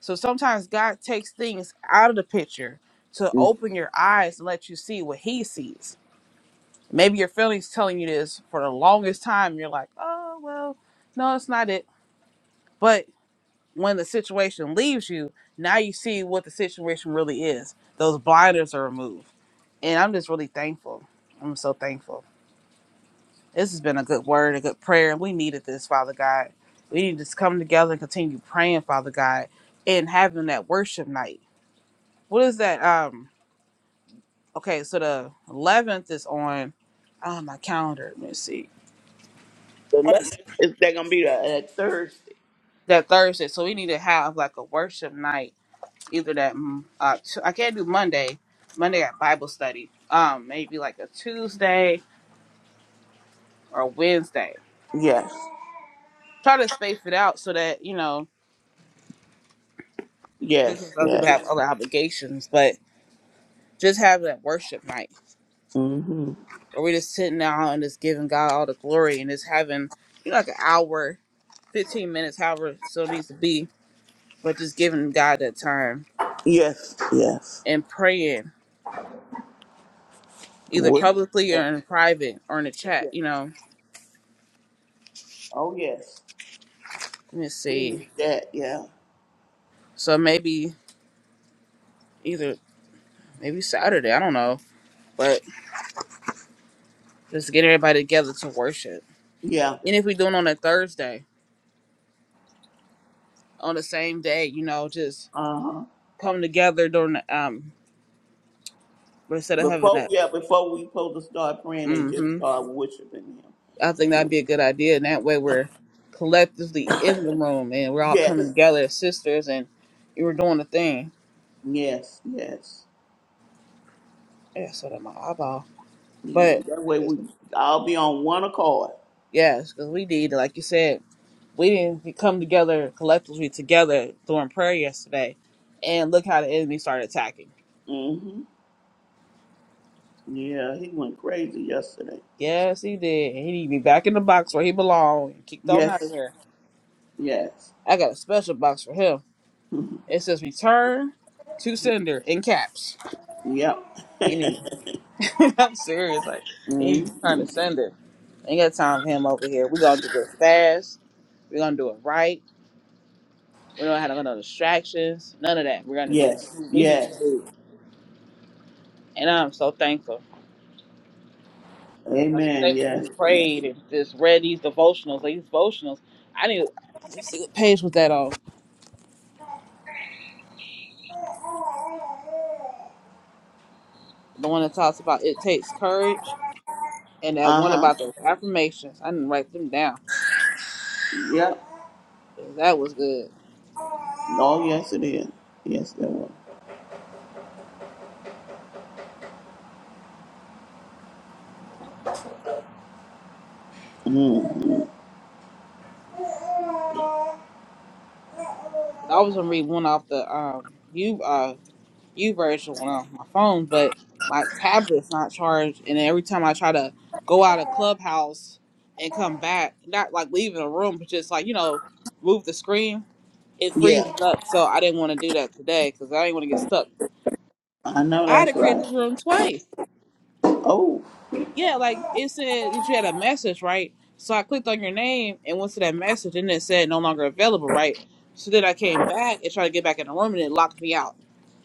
Speaker 1: So sometimes God takes things out of the picture to
Speaker 2: The
Speaker 1: open your eyes and let you see what He sees Maybe your feelings telling you this for the longest time. You're like, oh, well, no, it's not it. But when the situation leaves you, now you see what the situation really is. Those blinders are removed. And I'm just really thankful. I'm so thankful. This has been a good word, a good prayer. and We needed this, Father God. We need to just come together and continue praying, Father God, and having that worship night. What is that? Um, okay, so the 11th is on on my calendar. Let me see.
Speaker 2: eleventh is they're gonna be there at Thursday.
Speaker 1: that Thursday. So we need to have like a worship night, either that mm, uh, t- I can't do Monday. Monday at Bible study. Um, maybe like a Tuesday or Wednesday.
Speaker 2: Yes.
Speaker 1: Try to space it out so that you know
Speaker 2: Yes.
Speaker 1: other people
Speaker 2: Yes.
Speaker 1: have other obligations, but just have that worship night
Speaker 2: Mm-hmm.
Speaker 1: where we're just sitting down and just giving God all the glory and just having you know like an hour, fifteen minutes, however so it still needs to be, but just giving God that time
Speaker 2: Yes. Yes.
Speaker 1: and praying either
Speaker 2: What?
Speaker 1: publicly or
Speaker 2: Yeah.
Speaker 1: in private or in the chat,
Speaker 2: Yeah.
Speaker 1: you know
Speaker 2: Oh yes.
Speaker 1: Let me
Speaker 2: We need
Speaker 1: see.
Speaker 2: that. Yeah.
Speaker 1: So maybe either maybe Saturday, I don't know. But just get everybody together to worship.
Speaker 2: Yeah.
Speaker 1: And if we doing on a Thursday, on the same day, you know, just
Speaker 2: Uh huh.
Speaker 1: come together during the um but instead of having
Speaker 2: Before
Speaker 1: that
Speaker 2: yeah, before we supposed to start praying and just
Speaker 1: mm-hmm.
Speaker 2: start worshiping
Speaker 1: I think
Speaker 2: Him.
Speaker 1: that'd be a good idea. And that way we're collectively in the room and we're all coming
Speaker 2: Yes.
Speaker 1: together as sisters and you were doing the thing.
Speaker 2: Yes. Yes.
Speaker 1: Yeah, so that my eyeball.
Speaker 2: Yeah,
Speaker 1: But
Speaker 2: that way we I'll be on one accord.
Speaker 1: yes, because we need, like you said, we didn't come together collectively together during prayer yesterday, and look how the enemy started attacking.
Speaker 2: hmm Yeah, he went crazy yesterday.
Speaker 1: Yes, he did. He need to be back in the box where he belong and kicked on out of
Speaker 2: Yes,
Speaker 1: here.
Speaker 2: yes,
Speaker 1: I got a special box for him. It says "Return to Sender" in caps.
Speaker 2: yep.
Speaker 1: Ain't even. I'm serious. Like he need to be trying
Speaker 2: hmm
Speaker 1: to send it. Ain't got time for him over here. We gonna do this fast. We're gonna do it right. We don't have no distractions. None of that. We're gonna do
Speaker 2: Yes,
Speaker 1: what we need to
Speaker 2: yes.
Speaker 1: do. And I'm so thankful. I was
Speaker 2: Amen.
Speaker 1: thankful
Speaker 2: Yes,
Speaker 1: we
Speaker 2: yes.
Speaker 1: prayed and just read these devotionals. Like these devotionals, I need. Let's see what page was that on? The one that talks about it takes courage, and that
Speaker 2: Uh
Speaker 1: one
Speaker 2: huh.
Speaker 1: about the affirmations. I didn't write them down.
Speaker 2: Yep.
Speaker 1: Yeah, That was good.
Speaker 2: Oh, yes, it is. Yes, there was. hmm
Speaker 1: I was gonna read one off the um you uh you version one off my phone, but my tablet's not charged, and every time I try to go out of Clubhouse and come back, not like leaving a room, but just like you know move the screen it
Speaker 2: Yeah,
Speaker 1: freezes up. So I didn't want to do that today because I didn't want to get stuck.
Speaker 2: I know
Speaker 1: I had to
Speaker 2: that's
Speaker 1: create
Speaker 2: right.
Speaker 1: this room twice.
Speaker 2: Oh,
Speaker 1: Yeah, like it said that you had a message, right? So I clicked on your name and went to that message, and it said no longer available, right? So then I came back and tried to get back in the room, and it locked me out.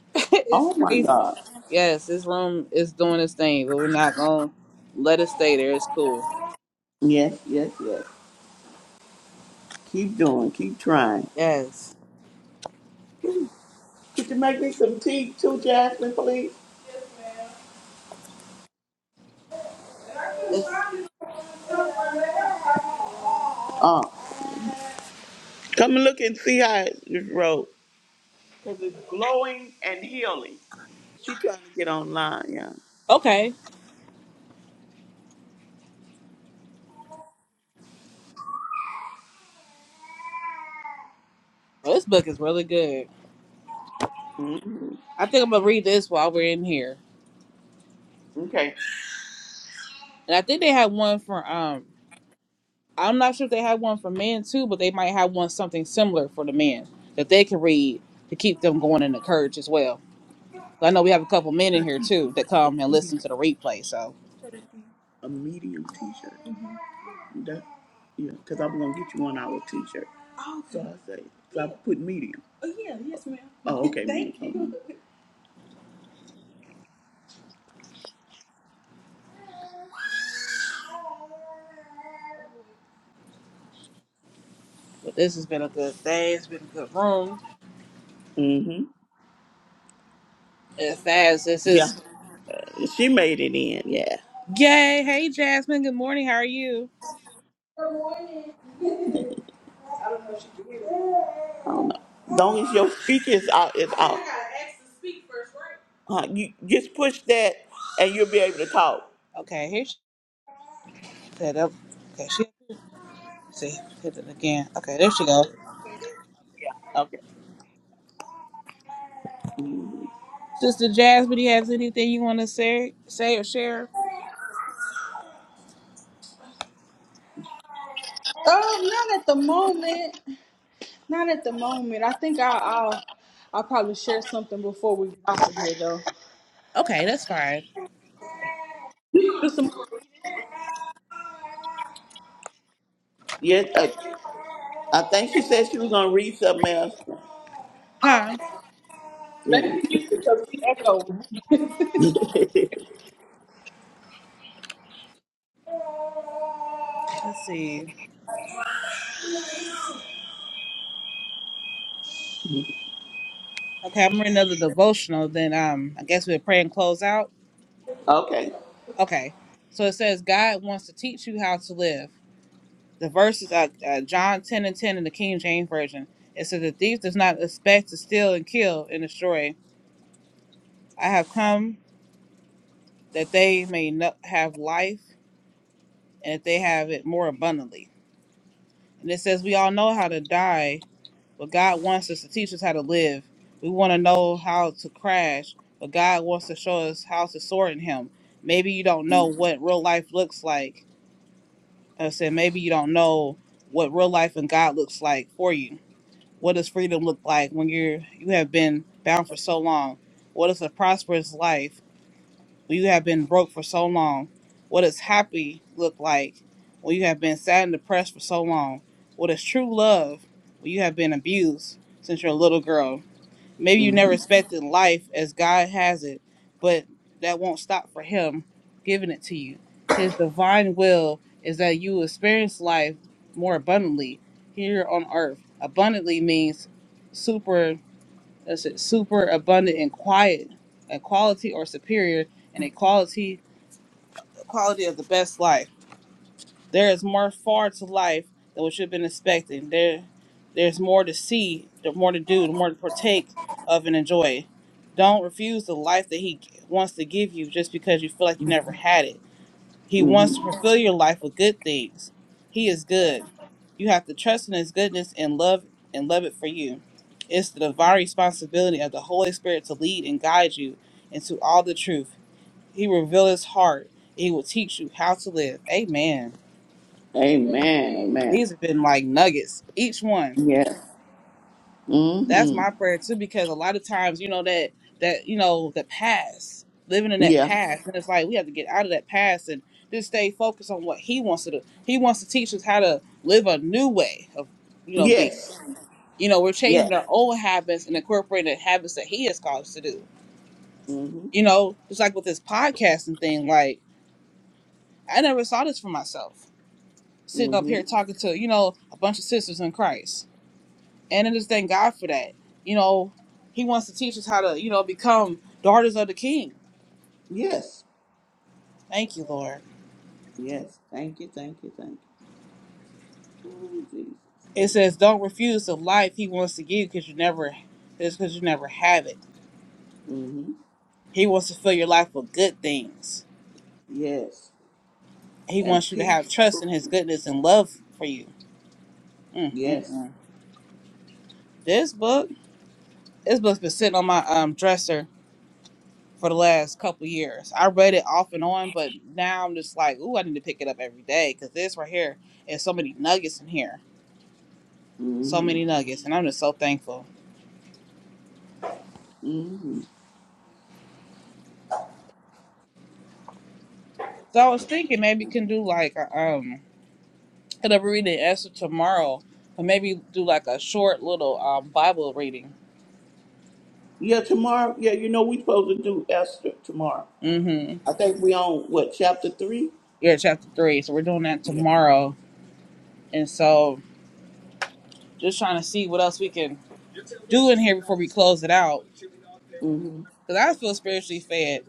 Speaker 1: it's
Speaker 2: oh my
Speaker 1: crazy.
Speaker 2: God.
Speaker 1: Yes, this room is doing its thing, but we're not gonna let it stay there. It's cool.
Speaker 2: Yes, yes, yes. Keep doing. Keep trying.
Speaker 1: Yes,
Speaker 2: Could you make me some tea too, Jasmine, please?
Speaker 1: it's
Speaker 2: Uh, come and look and see how it wrote. Because it's glowing and healing. She trying to get online, yeah.
Speaker 1: okay. Well, this book is really good.
Speaker 2: hmm
Speaker 1: I think I'm gonna read this while we're in here,
Speaker 2: Okay.
Speaker 1: and I think they had one for um I'm not sure if they have one for men too, but they might have one something similar for the men that they can read to keep them going and encouraged as well. I know we have a couple men in here too that come and listen to the replay. So,
Speaker 2: A medium t-shirt. Mm-hmm. That, yeah, because I'm going to get you one hour t-shirt. Oh, so I say, so I put medium. Oh, okay. Thank medium.
Speaker 1: but this has been a good day. It's been a good room.
Speaker 2: you. hmm
Speaker 1: As fast this
Speaker 2: Yeah.
Speaker 1: is
Speaker 2: She made it in, yeah.
Speaker 1: yay. Hey Jasmine, good morning. How are you?
Speaker 2: I don't know if she can hear me. I don't know. As long as your speaker is out, is out. I gotta ask to speak first, right? Uh, you just push that, and you'll be able to talk.
Speaker 1: Okay, here she set up. Okay, she see hit it again. Okay, there she go.
Speaker 2: Okay.
Speaker 1: Sister Jasmine, do you have anything you want to say, say or share?
Speaker 3: Um, not at the moment. Not at the moment. I think I'll I'll, I'll probably share something before we get off of here, though.
Speaker 1: Okay, that's fine.
Speaker 3: You
Speaker 2: You
Speaker 3: gonna do
Speaker 2: gonna
Speaker 3: some
Speaker 2: do some
Speaker 3: more?
Speaker 2: work. Yes. Uh, I think she said she was gonna read something else.
Speaker 3: Okay.
Speaker 1: Huh?
Speaker 2: Okay. Yeah.
Speaker 3: Let
Speaker 2: Let
Speaker 3: me
Speaker 2: me see
Speaker 3: mute
Speaker 2: if
Speaker 3: because we
Speaker 2: it's
Speaker 3: echo.
Speaker 2: okay.
Speaker 1: Let's see. Okay, I'm reading another devotional. Then um, I guess we'll pray and close out.
Speaker 2: okay.
Speaker 1: Okay, so it says God wants to teach you how to live. The verse is uh, uh, John 10 and 10 in the King James version. It says the thief does not expect to steal and kill and destroy. I have come that they may no- have life and that they have it more abundantly. And it says we all know how to die but God wants us to teach us how to live. We want to know how to crash, but God wants to show us how to soar in Him. Maybe you don't know what real life looks like. Like I said, maybe you don't know what real life and God looks like for you. What does freedom look like when you're you have been bound for so long? What is a prosperous life when you have been broke for so long? What does happy look like when you have been sad and depressed for so long? What is true love when you have been abused since you're a little girl? Maybe you never
Speaker 2: Mhm.
Speaker 1: expected life as God has it, but that won't stop for Him giving it to you. His divine will is that you experience life more abundantly here on earth. Abundantly means super, that's it, super abundant and quiet, a quality or superior, and a quality, quality of the best life. There is more far to life than what you've been expecting. There, there's more to see, there's more to do, the more to partake of and enjoy. Don't refuse the life that He wants to give you just because you feel like you never had it. He wants to
Speaker 2: Mhm.
Speaker 1: fulfill your life with good things. He is good. You have to trust in His goodness and love and love it for you. It's the divine responsibility of the Holy Spirit to lead and guide you into all the truth. He reveals His heart. He will teach you how to live. Amen.
Speaker 2: Amen. Amen.
Speaker 1: These have been like nuggets, each one.
Speaker 2: Yeah.
Speaker 1: That's
Speaker 2: Mhm.
Speaker 1: my prayer too, because a lot of times, you know, that that you know, the past, living in that
Speaker 2: Yeah.
Speaker 1: past, and it's like we have to get out of that past and just stay focused on what He wants to do. He wants to teach us how to live a new way of, you know, be.
Speaker 2: Yes.
Speaker 1: You know, we're
Speaker 2: Yes.
Speaker 1: changing our old habits and incorporating the habits that He has called us to do.
Speaker 2: Mm-hmm.
Speaker 1: You know, just like with this podcasting thing, like I never saw this for myself. Sitting up
Speaker 2: Mm-hmm.
Speaker 1: here talking to, you know, a bunch of sisters in Christ And I just thank God for that. You know, He wants to teach us how to, you know, become daughters of the King.
Speaker 2: Yes.
Speaker 1: Thank you, Lord.
Speaker 2: Yes. Thank you. Thank you. Thank you. Ooh, Jesus.
Speaker 1: It
Speaker 2: Thank you.
Speaker 1: says, "Don't refuse the life He wants to give, because you never, it's because you never have it.
Speaker 2: Mm-hmm.
Speaker 1: He wants to fill your life with good things.
Speaker 2: Yes.
Speaker 1: He
Speaker 2: And
Speaker 1: wants you to
Speaker 2: peace.
Speaker 1: have trust in His goodness and love for you." Mm, mm,
Speaker 2: Yes.
Speaker 1: mm. This book, this book's been sitting on my um dresser for the last couple years. I read it off and on, but now I'm just like, ooh, I need to pick it up every day because this right here is so many nuggets in here so
Speaker 2: Mm-hmm.
Speaker 1: many nuggets, and I'm just so thankful.
Speaker 2: Mm-hmm.
Speaker 1: So I was thinking maybe can do like a, um, hit up a reading answer tomorrow, but maybe do like a short little um Bible reading.
Speaker 2: Yeah, tomorrow. Yeah, you know we supposed to do Esther tomorrow.
Speaker 1: Mm-hmm.
Speaker 2: I think we on what chapter three?
Speaker 1: Yeah, chapter three. So we're doing that
Speaker 2: Yeah.
Speaker 1: tomorrow, and so just trying to see what else we can do in here before we close it out.
Speaker 2: Mm-hmm.
Speaker 1: Cause I feel spiritually fed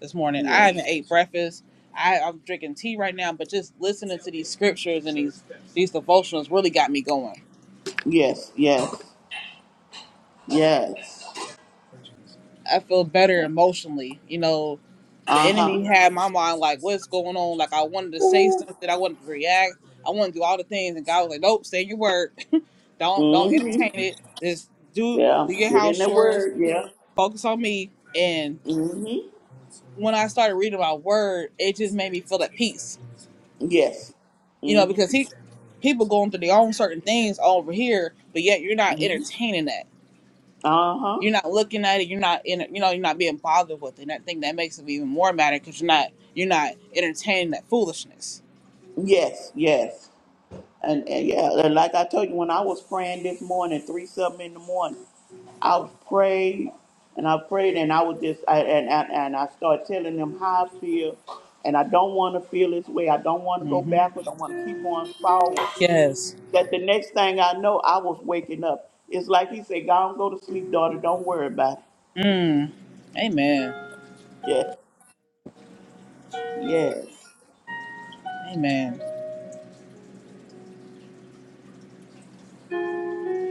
Speaker 1: this morning. I
Speaker 2: Yes.
Speaker 1: haven't ate breakfast. I, I'm drinking tea right now, but just listening to these scriptures and these these devotionals really got me going.
Speaker 2: Yes. Yes. Yes.
Speaker 1: I feel better emotionally, you know, the
Speaker 2: Uh huh.
Speaker 1: enemy had my mind like, what's going on? Like I wanted to say something, I wanted to react, I wanted to do all the things, and God was like, nope, say your word, don't don't
Speaker 2: Mm-hmm.
Speaker 1: entertain it, just do
Speaker 2: Yeah.
Speaker 1: do your
Speaker 2: Get in
Speaker 1: house
Speaker 2: the
Speaker 1: chores,
Speaker 2: word. Yeah.
Speaker 1: focus on me. And
Speaker 2: Mm-hmm.
Speaker 1: when I started reading my word, it just made me feel at peace,
Speaker 2: Yes.
Speaker 1: you know, because
Speaker 2: Mm-hmm.
Speaker 1: he people going through their own certain things over here, but yet you're not entertaining that.
Speaker 2: Uh huh.
Speaker 1: You're not looking at it. You're not in. You know, you're not being bothered with it. And I think that makes it even more matter because you're not you're not entertaining that foolishness.
Speaker 2: Yes, yes. And, and yeah, and like I told you, when I was praying this morning, three something in the morning, I was prayed and I prayed and I was just, I, and, and, and I started telling them how I feel. And I don't want to feel this way. I don't want to go backwards. I want to keep going forward.
Speaker 1: Yes.
Speaker 2: That the next thing I know, I was waking up. It's like he said, God, go to sleep, daughter. Don't worry about it.
Speaker 1: Mm. Amen.
Speaker 2: Yeah, yes,
Speaker 1: Amen.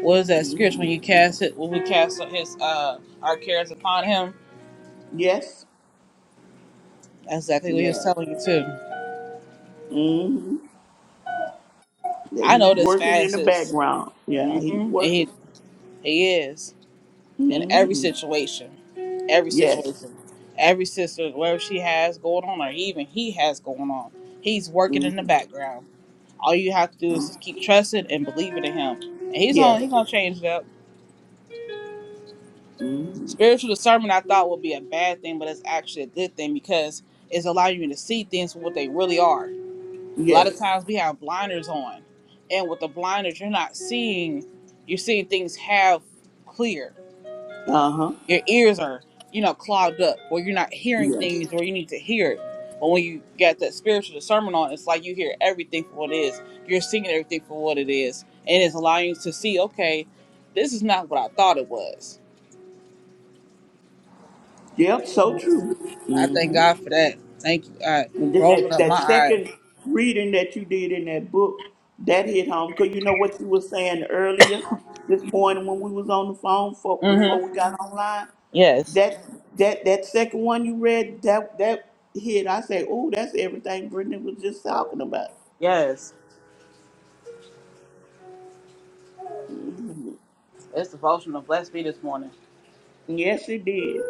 Speaker 1: What is
Speaker 2: yes,
Speaker 1: that scripture when you
Speaker 2: Mhm.
Speaker 1: cast it? When we cast his uh our cares upon him,
Speaker 2: yes.
Speaker 1: that's exactly what he was
Speaker 2: yes.
Speaker 1: telling you too.
Speaker 2: hmm That
Speaker 1: I
Speaker 2: He's
Speaker 1: know this
Speaker 2: working in
Speaker 1: fast
Speaker 2: the
Speaker 1: is,
Speaker 2: background. Yeah,
Speaker 1: hmm
Speaker 2: he's
Speaker 1: and
Speaker 2: working.
Speaker 1: he he is in every
Speaker 2: hmm
Speaker 1: situation, every
Speaker 2: Yes.
Speaker 1: situation, every sister, whatever she has going on, or even he has going on, he's
Speaker 2: hmm
Speaker 1: working in the background. All you have to do is just keep trusting and believing in him, and he's on.
Speaker 2: Yes.
Speaker 1: He's gonna change it up.
Speaker 2: hmm
Speaker 1: Spiritual discernment I thought would be a bad thing, but it's actually a good thing because it's allowing you to see things for what they really are. A lot of
Speaker 2: Yes.
Speaker 1: times we have blinders on, and with the blinders, you're not seeing, you're seeing things half clear.
Speaker 2: Uh huh.
Speaker 1: Your ears are, you know, clogged up, or you're not hearing
Speaker 2: Yes.
Speaker 1: things where you need to hear it. But when you got that spiritual discernment on, it's like you hear everything for what it is. You're seeing everything for what it is, and it's allowing you to see, okay, this is not what I thought it was
Speaker 2: Yep. So true.
Speaker 1: I thank
Speaker 2: hmm
Speaker 1: God for that. Thank you, God,
Speaker 2: And
Speaker 1: for
Speaker 2: then
Speaker 1: opening
Speaker 2: that
Speaker 1: up
Speaker 2: that
Speaker 1: my eyes.
Speaker 2: second reading that you did in that book that hit home because you know what you were saying earlier this morning when we was on the phone for before
Speaker 1: Mm-hmm.
Speaker 2: we got online
Speaker 1: Yes.
Speaker 2: that that that second one you read that that hit i say oh that's everything brittany was just talking about
Speaker 1: Yes. It's devotional. blessed me this morning.
Speaker 2: Yes, he did.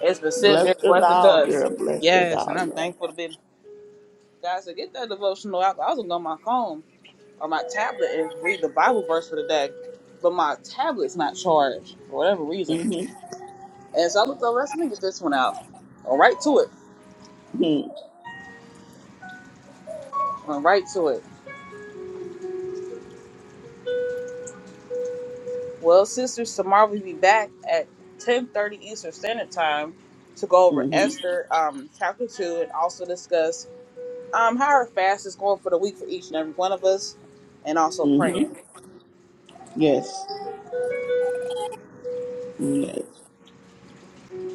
Speaker 1: It's been sitting there
Speaker 2: Blessed us
Speaker 1: collecting
Speaker 2: all,
Speaker 1: dust.
Speaker 2: girl. Blessed us
Speaker 1: Yes,
Speaker 2: all,
Speaker 1: and I'm
Speaker 2: girl.
Speaker 1: thankful to be. God said, get that devotional out. I was going to go on my phone or my tablet and read the Bible verse for the day, but my tablet's not charged for whatever reason.
Speaker 2: Mm-hmm.
Speaker 1: And so I looked over, let me get this one out. Or right to it.
Speaker 2: Mm-hmm.
Speaker 1: Went right to it. Well, sisters, tomorrow we'll be back at 10.30 Eastern Standard Time to go over
Speaker 2: Mm-hmm.
Speaker 1: Esther um, chapter 2 and also discuss um, how our fast is going for the week for each and every one of us and also
Speaker 2: Mm-hmm.
Speaker 1: praying.
Speaker 2: Yes. Yes.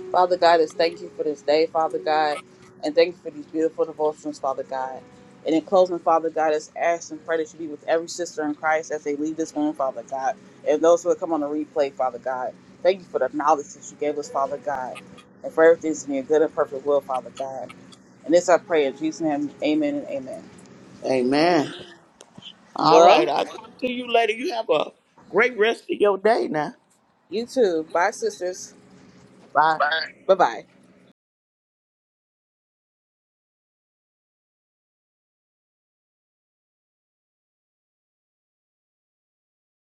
Speaker 1: Father God, is thank you for this day, Father God, and thank you for these beautiful devotions, Father God. And in closing, Father God, is ask and pray that you be with every sister in Christ as they leave this room, Father God, and those who will come on the replay, Father God. Thank you for the knowledge that you gave us, Father God, and for everything's in your good and perfect will, Father God. And this I pray in Jesus' name, amen and amen.
Speaker 2: Amen. All right.
Speaker 1: Well,
Speaker 2: I'll talk to you later. You have a great rest of your day now.
Speaker 1: you too. Bye, sisters.
Speaker 2: Bye.
Speaker 1: Bye-bye.